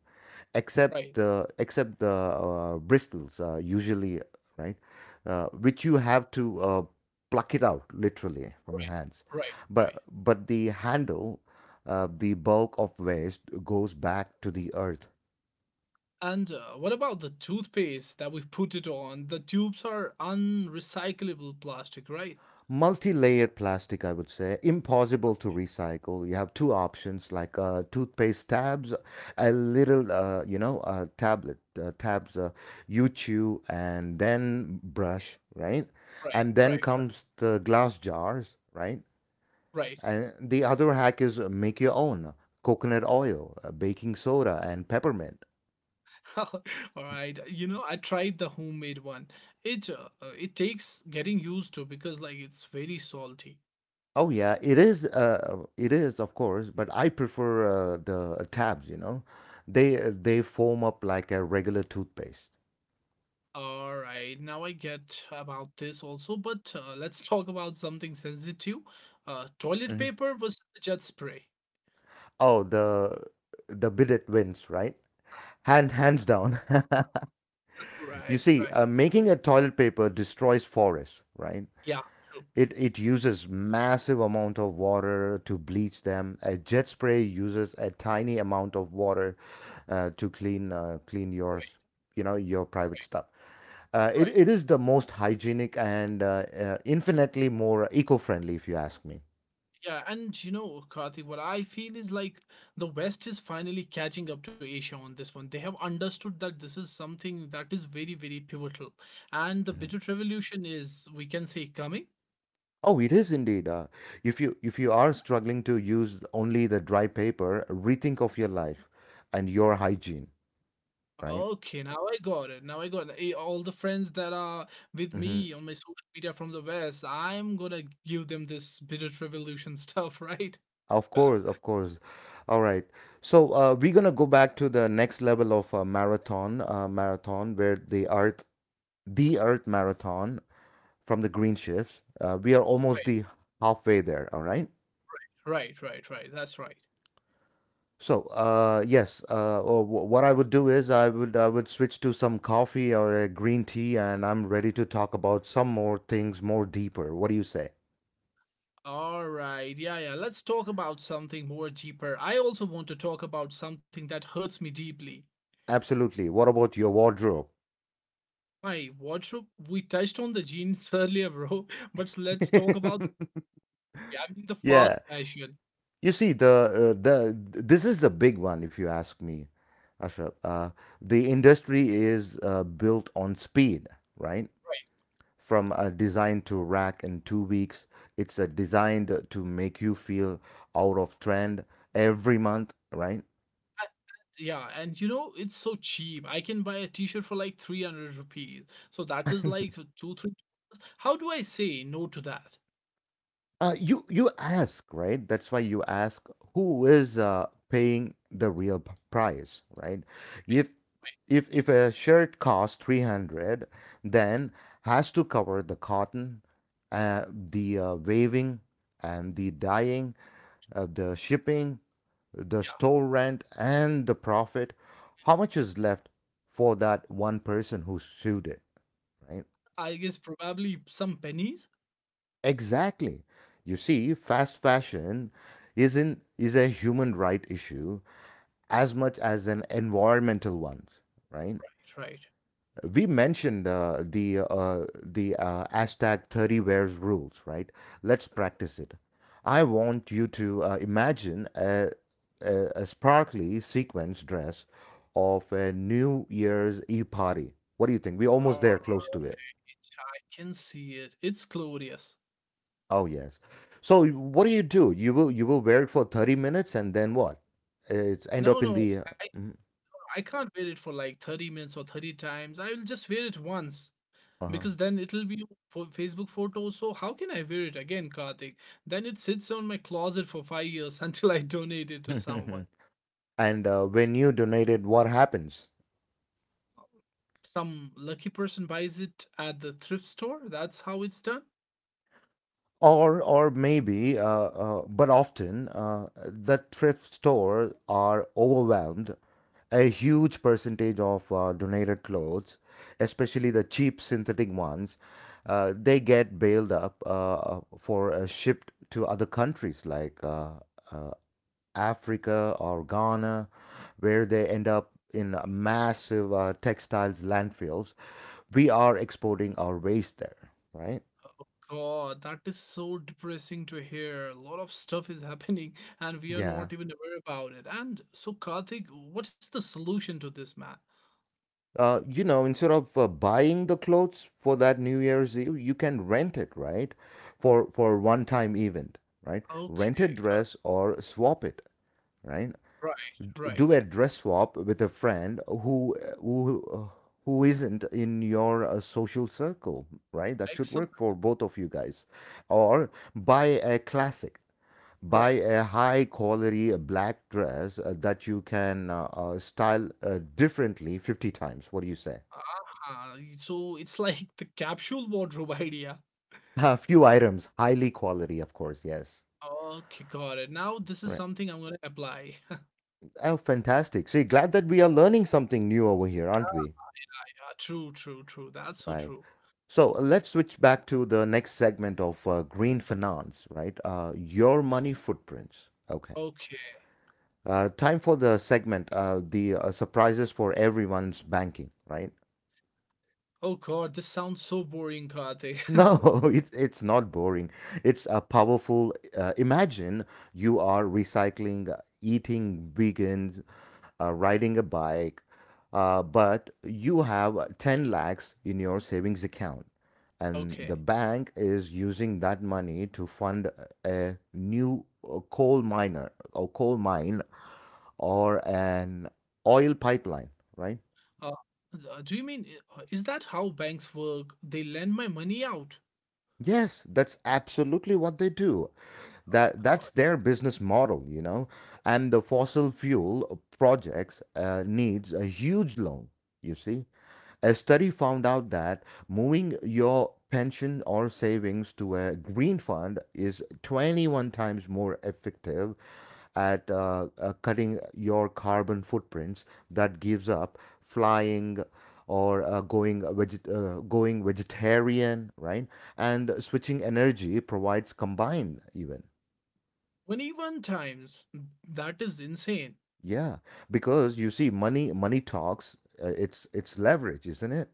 Speaker 2: Right.
Speaker 1: Except the bristles, usually, right, which you have to pluck it out literally from your
Speaker 2: Right.
Speaker 1: hands.
Speaker 2: Right. Right.
Speaker 1: But the handle, the bulk of waste goes back to the earth.
Speaker 2: And what about the toothpaste that we put it on? The tubes are unrecyclable plastic, right?
Speaker 1: Multi-layered plastic, I would say, impossible to recycle. You have two options like toothpaste tabs, a little you know tablet tabs, you chew and then brush, right?
Speaker 2: Right,
Speaker 1: And then
Speaker 2: right, right,
Speaker 1: comes the glass jars, right?
Speaker 2: right.
Speaker 1: And the other hack is make your own coconut oil, baking soda and peppermint.
Speaker 2: All right. You know, I tried the homemade one. It takes getting used to because like it's very salty.
Speaker 1: Oh yeah, it is. It is of course, but I prefer the tabs. You know, they foam up like a regular toothpaste.
Speaker 2: All right. Now I get about this also, but let's talk about something sensitive. Toilet
Speaker 1: Hmm.
Speaker 2: paper versus jet spray.
Speaker 1: Oh, the bidet wins, right? Hand hands down. You
Speaker 2: Right,
Speaker 1: see,
Speaker 2: right.
Speaker 1: making a toilet paper destroys forests, right?
Speaker 2: Yeah, true.
Speaker 1: It uses massive amount of water to bleach them. A jet spray uses a tiny amount of water to clean clean
Speaker 2: Right,
Speaker 1: yours, you know, your
Speaker 2: right,
Speaker 1: private stuff.
Speaker 2: right.
Speaker 1: It is the most hygienic and infinitely more eco-friendly, if you ask me.
Speaker 2: Yeah, and you know, Karthik, what I feel is like the West is finally catching up to Asia on this one. They have understood that this is something that is very, very pivotal. And the
Speaker 1: Mhm.
Speaker 2: Bitter Revolution is, we can say, coming.
Speaker 1: Oh, it is indeed. If you are struggling to use only the dry paper, rethink of your life and your hygiene, right?
Speaker 2: Okay, now I got it. Now I got it. All the friends that are with
Speaker 1: Mhm.
Speaker 2: me on my social media from the West, I'm gonna give them this Bitter Revolution stuff, right?
Speaker 1: Of course, of course. All right. So we're gonna go back to the next level of marathon where the Earth marathon from the green shifts. We are almost the halfway there. All right.
Speaker 2: Right, right, right, right. That's right.
Speaker 1: So yes, what I would do is I would switch to some coffee or a green tea, and I'm ready to talk about some more things more deeper. What do you say?
Speaker 2: All right. Yeah, yeah. Let's talk about something more deeper. I also want to talk about something that hurts me deeply.
Speaker 1: Absolutely. What about your wardrobe?
Speaker 2: My wardrobe. We touched on the jeans earlier, bro, but let's talk about, I mean, the
Speaker 1: Yeah.
Speaker 2: fast fashion.
Speaker 1: You see, the this is the big one, if you ask me, Ashraf. The industry is built on speed, right?
Speaker 2: Right.
Speaker 1: From a design to rack in 2 weeks, it's designed to make you feel out of trend every month, right?
Speaker 2: Yeah, and you know, it's so cheap. I can buy a t-shirt for like 300 rupees. So that is like two, three. How do I say no to that?
Speaker 1: You ask, right? That's why you ask who is paying the real price, right?
Speaker 2: Right,
Speaker 1: If
Speaker 2: right.
Speaker 1: if a shirt costs 300, then has to cover the cotton, the waving and the dyeing, the shipping, the
Speaker 2: Yeah,
Speaker 1: store rent and the profit. How much is left for that one person who sewed it, right?
Speaker 2: I guess probably some pennies.
Speaker 1: Exactly. You see, fast fashion is a human right issue as much as an environmental one, right?
Speaker 2: Right. Right.
Speaker 1: We mentioned the hashtag 30 wears rules, right? Let's practice it. I want you to imagine a sparkly sequence dress of a New Year's Eve party. What do you think? We're almost
Speaker 2: Oh,
Speaker 1: there, close to it.
Speaker 2: I can see it. It's glorious.
Speaker 1: Oh yes. So what do you do? You will wear it for 30 minutes and then what? It's end up
Speaker 2: No,
Speaker 1: in
Speaker 2: no,
Speaker 1: the
Speaker 2: I
Speaker 1: mm,
Speaker 2: I can't wear it for like 30 minutes or 30 times. I will just wear it once
Speaker 1: uh-huh.
Speaker 2: because then it'll be for Facebook photos. So how can I wear it again, Karthik? Then it sits on my closet for 5 years until I donate it to someone.
Speaker 1: and when you donate it, what happens?
Speaker 2: Some lucky person buys it at the thrift store. That's how it's done.
Speaker 1: Or maybe but often the thrift store are overwhelmed. A huge percentage of donated clothes, especially the cheap synthetic ones, they get bailed up for shipped to other countries like uh, Africa or Ghana, where they end up in massive textiles landfills. We are exporting our waste there, right?
Speaker 2: God, that is so depressing to hear. A lot of stuff is happening and we are
Speaker 1: Yeah.
Speaker 2: not even aware about it. And so, Karthik, what is the solution to this, man?
Speaker 1: You know, instead of buying the clothes for that New Year's Eve, you can rent it, right? For one time event, right? Rent a
Speaker 2: Okay,
Speaker 1: dress or swap it, right?
Speaker 2: right,
Speaker 1: Do
Speaker 2: right.
Speaker 1: a dress swap with a friend who isn't in your social circle, right? That should
Speaker 2: Excellent,
Speaker 1: work for both of you guys. Or buy a classic, buy
Speaker 2: right.
Speaker 1: a high quality black dress that you can style differently 50 times. What do you say?
Speaker 2: So it's like the capsule wardrobe idea.
Speaker 1: A few items, highly quality, of course, yes.
Speaker 2: Okay, got it. Now, this is
Speaker 1: Right.
Speaker 2: something I'm gonna apply.
Speaker 1: Oh, fantastic. See, glad that we are learning something new over here, aren't we?
Speaker 2: Yeah, true, true, true. That's so
Speaker 1: Right.
Speaker 2: true.
Speaker 1: So let's switch back to the next segment of green finance, right? Your money footprints. Okay.
Speaker 2: Okay.
Speaker 1: Time for the segment, the surprises for everyone's banking, right?
Speaker 2: Oh God, this sounds so boring, Karthik.
Speaker 1: No, it's not boring. It's a powerful. Imagine you are recycling, eating vegans, riding a bike, but you have 10 lakhs in your savings account, and the
Speaker 2: Okay.
Speaker 1: bank is using that money to fund a new coal miner or coal mine or an oil pipeline, right?
Speaker 2: Uh, do you mean is that how banks work? They lend my money out.
Speaker 1: Yes, that's absolutely what they do.
Speaker 2: Oh
Speaker 1: That's
Speaker 2: God.
Speaker 1: their business model, you know, and the fossil fuel projects needs a huge loan, you see. A
Speaker 2: Mhm.
Speaker 1: study found out that moving your pension or savings to a green fund is 21 times more effective at cutting your carbon footprints, that gives up flying or uh, going vegetarian, right? And switching energy provides combined even.
Speaker 2: 21 times. That is insane.
Speaker 1: Yeah, because you see, money talks. It's leverage, isn't it?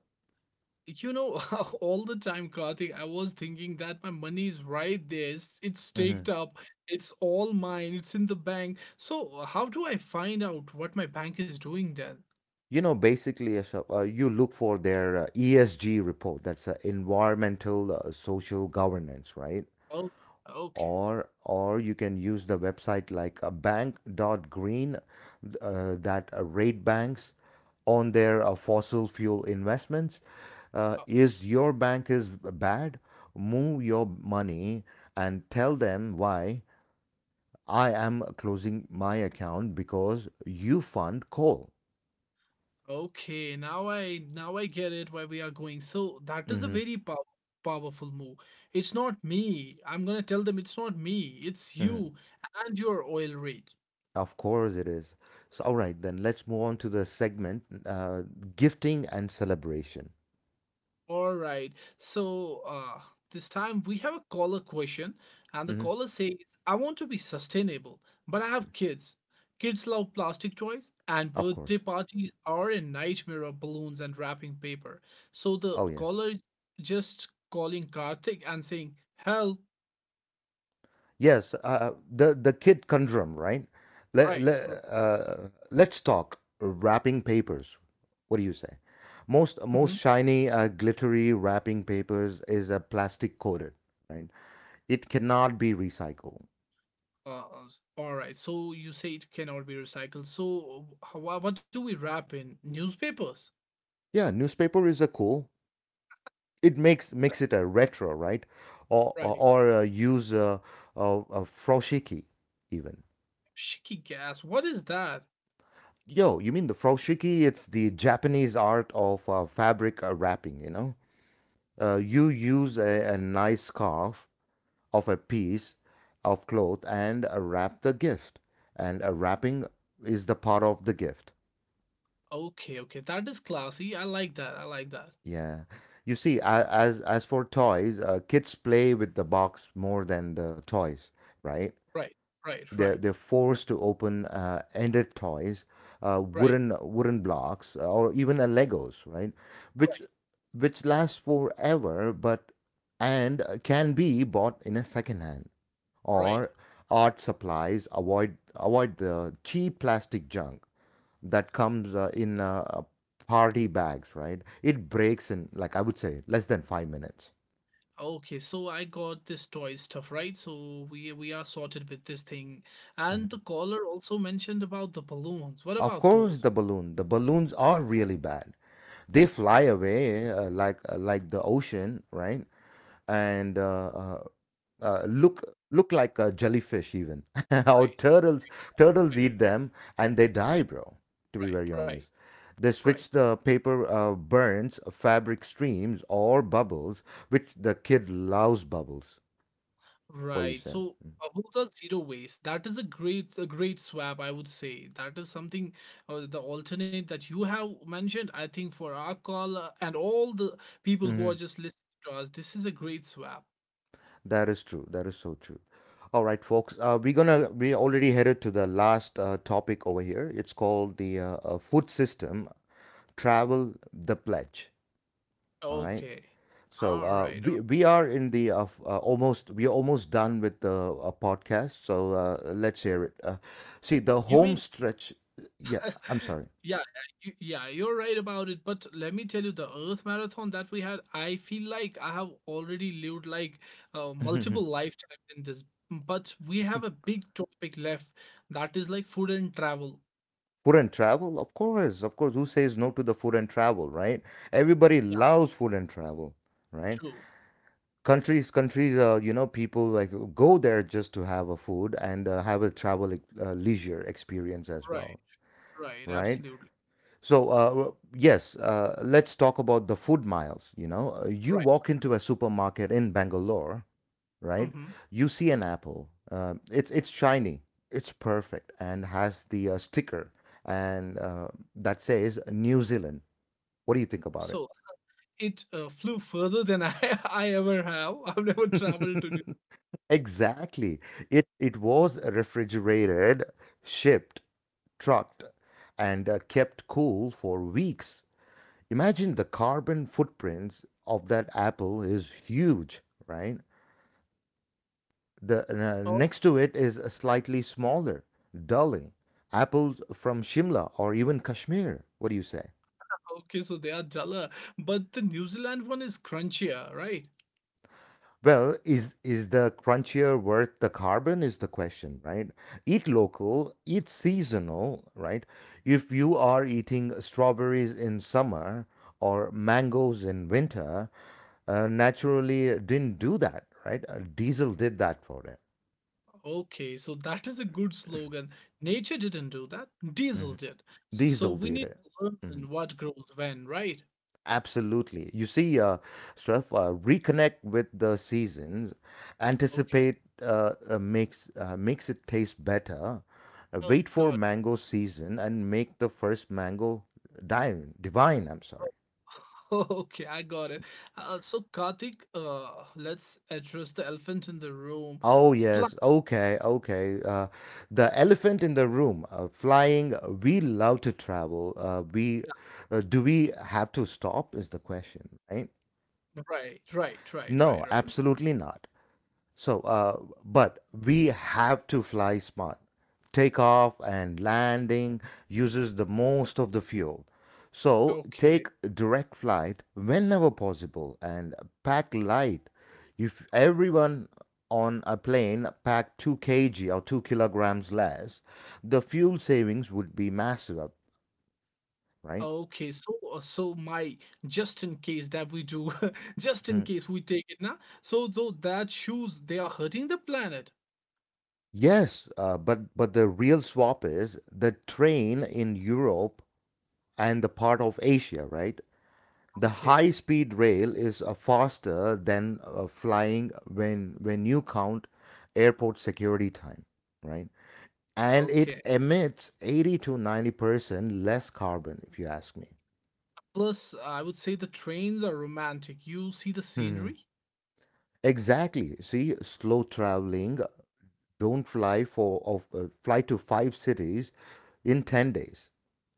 Speaker 2: You know, all the time, Karthik, I was thinking that my money is right there. It's
Speaker 1: Hmm.
Speaker 2: staked up. It's all mine. It's in the bank. So how do I find out what my bank is doing then?
Speaker 1: You know, basically, Ashok, you look for their ESG report. That's environmental, social governance, right?
Speaker 2: Oh, okay.
Speaker 1: Or you can use the website like a bank.green that rate banks on their fossil fuel investments.
Speaker 2: Uh,
Speaker 1: Is your bank is bad? Move your money and tell them why. I am closing my account because you fund coal.
Speaker 2: Okay, now I get it why we are going. So that is a
Speaker 1: Hmm.
Speaker 2: very powerful move. It's not me. I'm gonna tell them it's not me. It's
Speaker 1: Hmm.
Speaker 2: you and your oil rig.
Speaker 1: Of course it is. So, all right, then let's move on to the segment gifting and celebration.
Speaker 2: All right. So this time we have a caller question, and the
Speaker 1: Hmm.
Speaker 2: caller says, "I want to be sustainable, but I have kids. Kids love plastic toys, and
Speaker 1: Of
Speaker 2: birthday
Speaker 1: course.
Speaker 2: parties are a nightmare of balloons and wrapping paper." So the
Speaker 1: Oh, yes.
Speaker 2: caller is just calling Karthik and saying, "Help."
Speaker 1: Yes, the kid conundrum, right?
Speaker 2: Right. r-
Speaker 1: Let's talk wrapping papers. What do you say? Most,
Speaker 2: mhm.
Speaker 1: most shiny, glittery wrapping papers is plastic coated, right? It cannot be recycled.
Speaker 2: All right. So you say it cannot be recycled. So how, what do we wrap in? Newspapers.
Speaker 1: Yeah, newspaper is a cool. It makes it a retro, right? Or or,
Speaker 2: Right.
Speaker 1: or use froshiki even.
Speaker 2: Shiki gas. What is that?
Speaker 1: Yo, you mean the froshiki? It's the Japanese art of fabric wrapping. You know, you use a nice scarf of a piece of cloth and wrap the gift, and wrapping is the part of the gift.
Speaker 2: Okay, okay. That is classy. I like that. I like that.
Speaker 1: Yeah. You see, as for toys, kids play with the box more than the toys, right?
Speaker 2: Right. Right,
Speaker 1: they're
Speaker 2: right,
Speaker 1: they're forced to open ended toys,
Speaker 2: right,
Speaker 1: wooden wooden blocks, or even a Legos, right? Which
Speaker 2: right,
Speaker 1: which lasts forever, but and can be bought in a second hand
Speaker 2: right.
Speaker 1: or art supplies. Avoid the cheap plastic junk that comes in party bags, right? It breaks in like, I would say, less than 5 minutes.
Speaker 2: Okay, so I got this toy stuff, right? So we are sorted with this thing.
Speaker 1: Mhm.
Speaker 2: And the caller also mentioned about the balloons. What
Speaker 1: Of
Speaker 2: about
Speaker 1: course,
Speaker 2: those?
Speaker 1: the balloon. The balloons are really bad. They
Speaker 2: Mhm.
Speaker 1: fly away like like the ocean, right? And look look like a jellyfish even. Or
Speaker 2: Right,
Speaker 1: turtles
Speaker 2: right,
Speaker 1: turtles eat them and they die, bro. To be very
Speaker 2: right, right.
Speaker 1: honest, they
Speaker 2: Right.
Speaker 1: switch the paper burns, fabric streams, or bubbles, which the kid loves bubbles. What do you
Speaker 2: Right.
Speaker 1: say?
Speaker 2: So bubbles are zero waste. That is a great swap, I would say. That is something the alternate that you have mentioned. I think for our call and all the people who
Speaker 1: Mm-hmm.
Speaker 2: are just listening to us, this is a great swap.
Speaker 1: That is true. That is so true. All right, folks. We already headed to the last topic over here. It's called the food system travel the pledge. All right.
Speaker 2: Okay.
Speaker 1: So
Speaker 2: All
Speaker 1: uh,
Speaker 2: right. All right.
Speaker 1: we we are in the f- almost we are almost done with the podcast. So let's hear it. See the
Speaker 2: You
Speaker 1: home
Speaker 2: mean
Speaker 1: stretch. Yeah, I'm sorry.
Speaker 2: Yeah, you're right about it. But let me tell you, the Earth Marathon that we had, I feel like I have already lived like multiple lifetimes in this. But we have a big topic left that is like food and travel.
Speaker 1: Food and travel, of course, of course. Who says no to the food and travel, right? Everybody
Speaker 2: Yeah,
Speaker 1: loves food and travel, right?
Speaker 2: true.
Speaker 1: Countries, countries, you know, people like go there just to have a food and have a travel leisure experience as
Speaker 2: Right,
Speaker 1: well,
Speaker 2: right,
Speaker 1: right?
Speaker 2: absolutely.
Speaker 1: So, yes, let's talk about the food miles. You know, uh,
Speaker 2: Right.
Speaker 1: you walk into a supermarket in Bangalore, right?
Speaker 2: Mm-hmm.
Speaker 1: You see an apple. It's shiny, it's perfect, and has the sticker and that says New Zealand. What do you think about
Speaker 2: So
Speaker 1: it?
Speaker 2: it flew further than I, I ever have. I've never traveled to New.
Speaker 1: Exactly. It was refrigerated, shipped, trucked, and kept cool for weeks. Imagine the carbon footprints of that apple is huge, right? The
Speaker 2: Oh,
Speaker 1: next to it is a slightly smaller, dulling apples from Shimla or even Kashmir. What do you say?
Speaker 2: okay. So they are duller, but the New Zealand one is crunchier, right?
Speaker 1: Well, is the crunchier worth the carbon is the question, right? Eat local, eat seasonal, right? If you are eating strawberries in summer or mangoes in winter, naturally it didn't do that, right? Diesel did that for it.
Speaker 2: Okay, so that is a good slogan. Nature didn't do that,
Speaker 1: Mhm.
Speaker 2: diesel did. So
Speaker 1: Diesel
Speaker 2: we
Speaker 1: did
Speaker 2: need
Speaker 1: it.
Speaker 2: to
Speaker 1: Mhm.
Speaker 2: learn what grows when, right?
Speaker 1: Absolutely. You see, Swift, reconnect with the seasons,
Speaker 2: Okay.
Speaker 1: anticipate makes it taste better.
Speaker 2: Oh
Speaker 1: Wait for
Speaker 2: God.
Speaker 1: mango season and make the first mango divine. Divine. I'm sorry.
Speaker 2: Okay, I got it. So Karthik, let's address the elephant in the room.
Speaker 1: Oh
Speaker 2: Fly.
Speaker 1: yes. Okay. Okay. The elephant in the room. Flying. We love to travel. We do we have to stop? Is the question, right?
Speaker 2: Right, right, right, right,
Speaker 1: No,
Speaker 2: right.
Speaker 1: absolutely not. So, but we have to fly smart. Takeoff and landing uses the most of the fuel. So,
Speaker 2: Okay.
Speaker 1: take direct flight whenever possible and pack light. If everyone on a plane packed 2 kilograms or 2 kilograms less, the fuel savings would be massive, right?
Speaker 2: Okay, so my just in case that we do, just in
Speaker 1: Mhm.
Speaker 2: case we take it now. So though that shoes they are hurting the planet.
Speaker 1: Yes, but the real swap is the train in Europe and the part of Asia, right? The
Speaker 2: Okay.
Speaker 1: high speed rail is faster than flying when you count airport security time, right? And it
Speaker 2: Okay.
Speaker 1: emits 80 to 90% less carbon, if you ask me.
Speaker 2: Plus, I would say the trains are romantic. You see the
Speaker 1: Hmm.
Speaker 2: scenery?
Speaker 1: Exactly. See, slow traveling, don't fly for of fly to five cities in 10 days,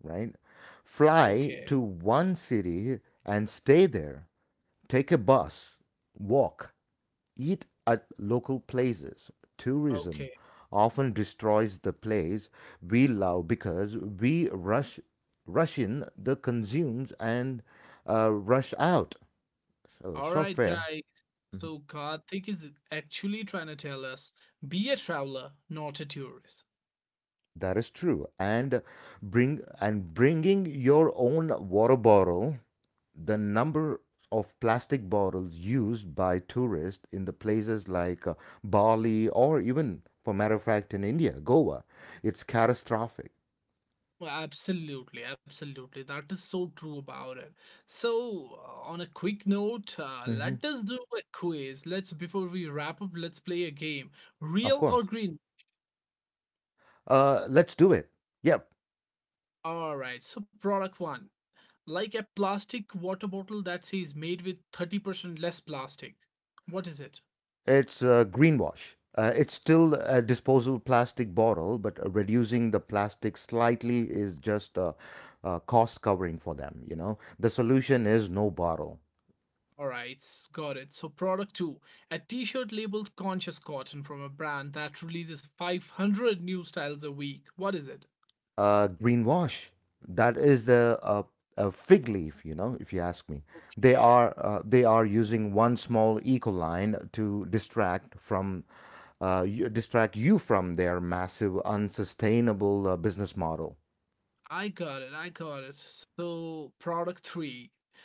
Speaker 1: right? Fly
Speaker 2: Okay,
Speaker 1: to one city and stay there. Take a bus, walk, eat at local places. Tourism
Speaker 2: okay.
Speaker 1: often destroys the place we love because we rush in the consumes and rush out. So it's
Speaker 2: All
Speaker 1: not
Speaker 2: right,
Speaker 1: fair.
Speaker 2: guys. So Karthik is actually trying to tell us be a traveler, not a tourist.
Speaker 1: That is true. And bringing your own water bottle. The number of plastic bottles used by tourists in the places like Bali or even, for matter of fact, in India, Goa, it's catastrophic.
Speaker 2: Well, absolutely, absolutely. That is so true about it. So, on a quick note,
Speaker 1: Mhm.
Speaker 2: let us do a quiz. Let's, before we wrap up, let's play a game.
Speaker 1: Of
Speaker 2: Real or
Speaker 1: course.
Speaker 2: green?
Speaker 1: Let's do it. Yep.
Speaker 2: All right. So product one, like a plastic water bottle that says made with 30% less plastic. What is it?
Speaker 1: It's greenwash. It's still a disposable plastic bottle, but reducing the plastic slightly is just a cost covering for them. You know, the solution is no bottle.
Speaker 2: Alright, got it. So product 2, a t shirt labeled conscious cotton from a brand that releases 500 new styles a week. What is it?
Speaker 1: Greenwash. That is the a fig leaf. You know, if you ask me,
Speaker 2: Okay.
Speaker 1: they are using one small eco line to distract from distract you from their massive, unsustainable business model.
Speaker 2: I got it. I got it. So product three,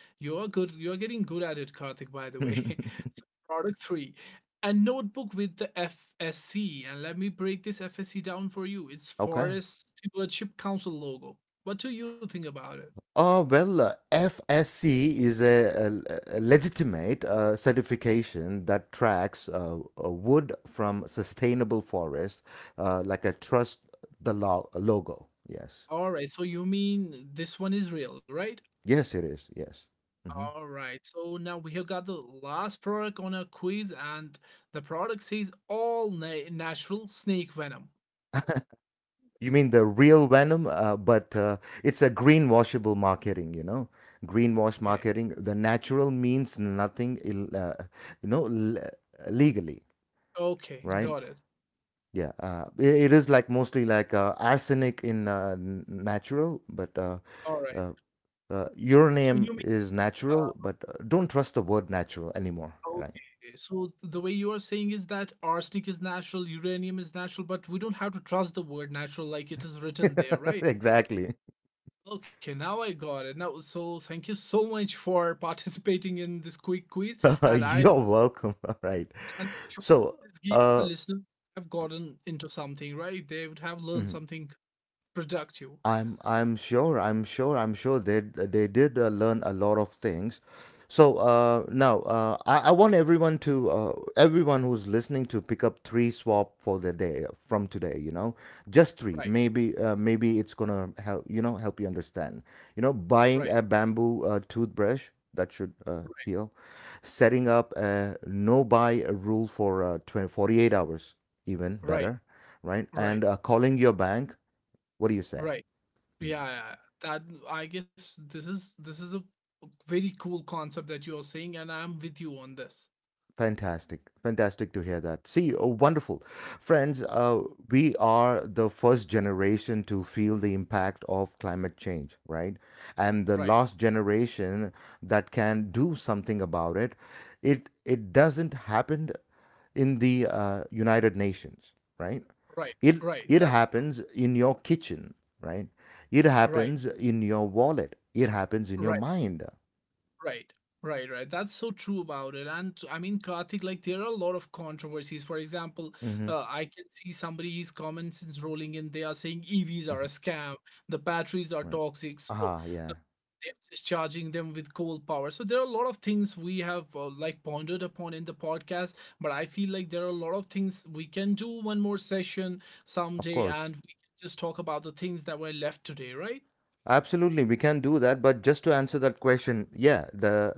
Speaker 2: you're good. You're getting good at it, Karthik. By the way, so product three, a notebook with the FSC, and let me break this FSC down for you. It's
Speaker 1: Okay.
Speaker 2: Forest Stewardship Council logo. What do you think about it?
Speaker 1: Oh, well, FSC is a legitimate certification that tracks wood from sustainable forest, like a trust logo. Yes.
Speaker 2: All right. So you mean this one is real, right?
Speaker 1: Yes, it is. Yes. Hmm.
Speaker 2: All right. So now we have got the last product on our quiz, and the product says all natural snake venom.
Speaker 1: You mean the real venom, but it's a greenwashable marketing, you know? Greenwash
Speaker 2: Okay.
Speaker 1: marketing. The natural means nothing, Ill, you know, legally,
Speaker 2: Okay.
Speaker 1: right?
Speaker 2: Got it.
Speaker 1: Yeah, it is like mostly like arsenic in natural, but
Speaker 2: All right.
Speaker 1: uh, your
Speaker 2: So you
Speaker 1: name
Speaker 2: mean,
Speaker 1: is
Speaker 2: uh,
Speaker 1: natural, but don't trust the word natural anymore, right?
Speaker 2: okay. So the way you are saying is that arsenic is natural, uranium is natural, but we don't have to trust the word natural like it is written there, right?
Speaker 1: Exactly.
Speaker 2: Okay, now I got it. Now, so thank you so much for participating in this quick quiz, and I'm,
Speaker 1: You're welcome. All right.
Speaker 2: and I'm sure
Speaker 1: So,
Speaker 2: this gave our
Speaker 1: uh,
Speaker 2: listeners have gotten into something, right? They would have learned
Speaker 1: mhm.
Speaker 2: something productive.
Speaker 1: I'm sure they did learn a lot of things. So now I want everyone to everyone who's listening to pick up three swap for the day from today. You know, just three.
Speaker 2: Right,
Speaker 1: Maybe maybe it's gonna help, you know, help you understand. You know,
Speaker 2: right,
Speaker 1: buying a bamboo toothbrush that should
Speaker 2: right,
Speaker 1: heal, setting up a no buy rule for 20, 48 hours even
Speaker 2: right,
Speaker 1: better, right? And
Speaker 2: right,
Speaker 1: calling your bank. What do you say?
Speaker 2: right.
Speaker 1: Hmm.
Speaker 2: Yeah, yeah, that I guess this is a very cool concept that you are saying, and I'm with you on this.
Speaker 1: Fantastic. Fantastic to hear that. See, oh, wonderful. Friends, we are the first generation to feel the impact of climate change, right? And the
Speaker 2: Right,
Speaker 1: last generation that can do something about it. It doesn't happen in the United Nations, right?
Speaker 2: right,
Speaker 1: It,
Speaker 2: right.
Speaker 1: it
Speaker 2: That's true.
Speaker 1: happens in your kitchen, right? It
Speaker 2: Right,
Speaker 1: happens in your wallet. It happens in your
Speaker 2: right.
Speaker 1: mind.
Speaker 2: Right. Right, right. That's so true about it. And I mean, Karthik, like, there are a lot of controversies. For example,
Speaker 1: Hmm.
Speaker 2: I can see somebody's comments is rolling in. They are saying EVs are a scam, the batteries are
Speaker 1: Right.
Speaker 2: toxic. So uh,
Speaker 1: Ah, yeah,
Speaker 2: they're just charging them with coal power. So there are a lot of things we have, like, pondered upon in the podcast. But I feel like there are a lot of things we can do one more session
Speaker 1: of
Speaker 2: someday
Speaker 1: course.
Speaker 2: and we can just talk about the things that were left today, right?
Speaker 1: Absolutely, we can do that. But just to answer that question, yeah, the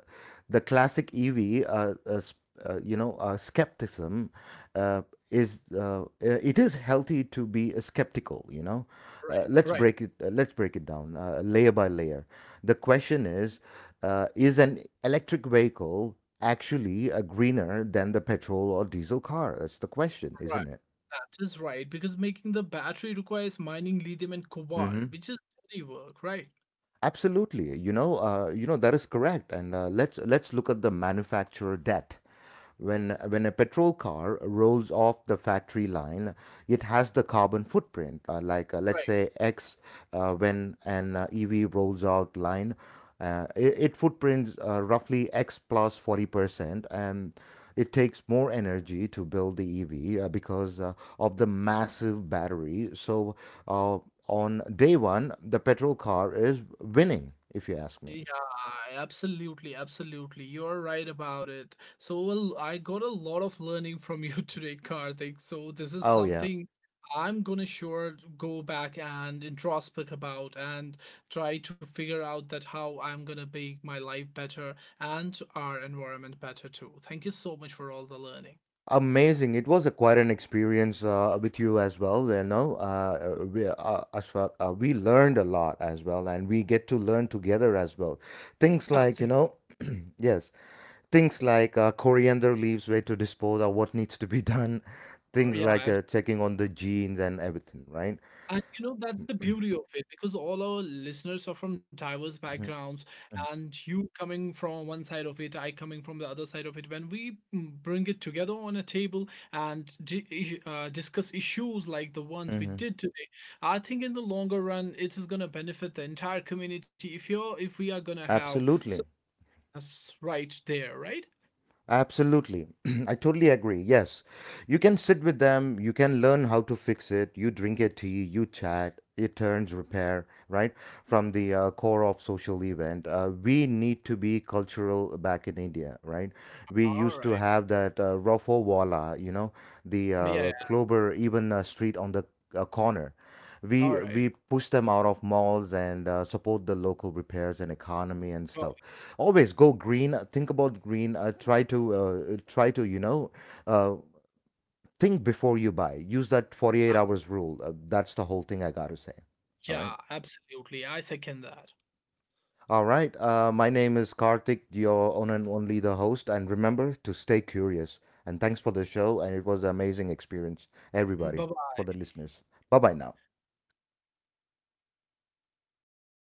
Speaker 1: the classic EV, you know, skepticism uh, is it is healthy to be skeptical. You know,
Speaker 2: Right, right.
Speaker 1: let's break it down layer by layer. The question is an electric vehicle actually greener than the petrol or diesel car? That's the question,
Speaker 2: Right.
Speaker 1: isn't it?
Speaker 2: That is right, because making the battery requires mining lithium and
Speaker 1: Mm-hmm.
Speaker 2: cobalt, which is dirty work, right?
Speaker 1: Absolutely, you know that is correct. And uh, let's look at the manufacturer debt. When a petrol car rolls off the factory line, it has the carbon footprint, like let's
Speaker 2: Right.
Speaker 1: say X. When an EV rolls out line, it footprints roughly X plus 40%, and it takes more energy to build the EV because of the massive battery. So uh, on day one, the petrol car is winning, if you ask me.
Speaker 2: Yeah, absolutely, absolutely. You're right about it. So, well, I got a lot of learning from you today, Karthik. So this is
Speaker 1: Oh yeah,
Speaker 2: something I'm gonna sure go back and introspect about and try to figure out that how I'm gonna make my life better and our environment better too. Thank you so much for all the learning.
Speaker 1: amazing! It was a, quite an experience with you as well. You know, Asfaq, we learned a lot as well, and we get to learn together as well. Things like, you
Speaker 2: Absolutely.
Speaker 1: know, yes, things like coriander leaves, where to dispose, or what needs to be done, things like
Speaker 2: Yeah,
Speaker 1: checking on the genes and everything, right?
Speaker 2: and you know, that's the beauty of it because all our listeners are from diverse
Speaker 1: Hmm.
Speaker 2: backgrounds, and you coming from one side of it, I coming from the other side of it. When we bring it together on a table and discuss issues like the ones we
Speaker 1: Hmm.
Speaker 2: did today, I think in the longer run, it is going to benefit the entire community if we are going to have
Speaker 1: Absolutely.
Speaker 2: success right there, right?
Speaker 1: Absolutely. I totally agree. Yes. You can sit with them, you can learn how to fix it, you drink a tea, you chat, it turns repair, right? From the core of social event. We need to be cultural back in India, right? We
Speaker 2: All
Speaker 1: used
Speaker 2: right.
Speaker 1: to have that Rofo Wala, you know, the
Speaker 2: Yeah. Yeah.
Speaker 1: Clover, even street on the corner.
Speaker 2: All
Speaker 1: we
Speaker 2: right.
Speaker 1: we push them out of malls and support the local repairs and economy and
Speaker 2: Go ahead.
Speaker 1: stuff. Always go green, think about green, try to, you know, uh, think before you buy. Use that 48 hours rule, that's the whole thing I gotta say. All
Speaker 2: Yeah,
Speaker 1: right.
Speaker 2: absolutely. I second that.
Speaker 1: All right. Uh, my name is Karthik, your own and only the host, and remember to stay curious. And thanks for the show, and it was an amazing experience, everybody,
Speaker 2: Bye
Speaker 1: for the listeners. Bye bye now.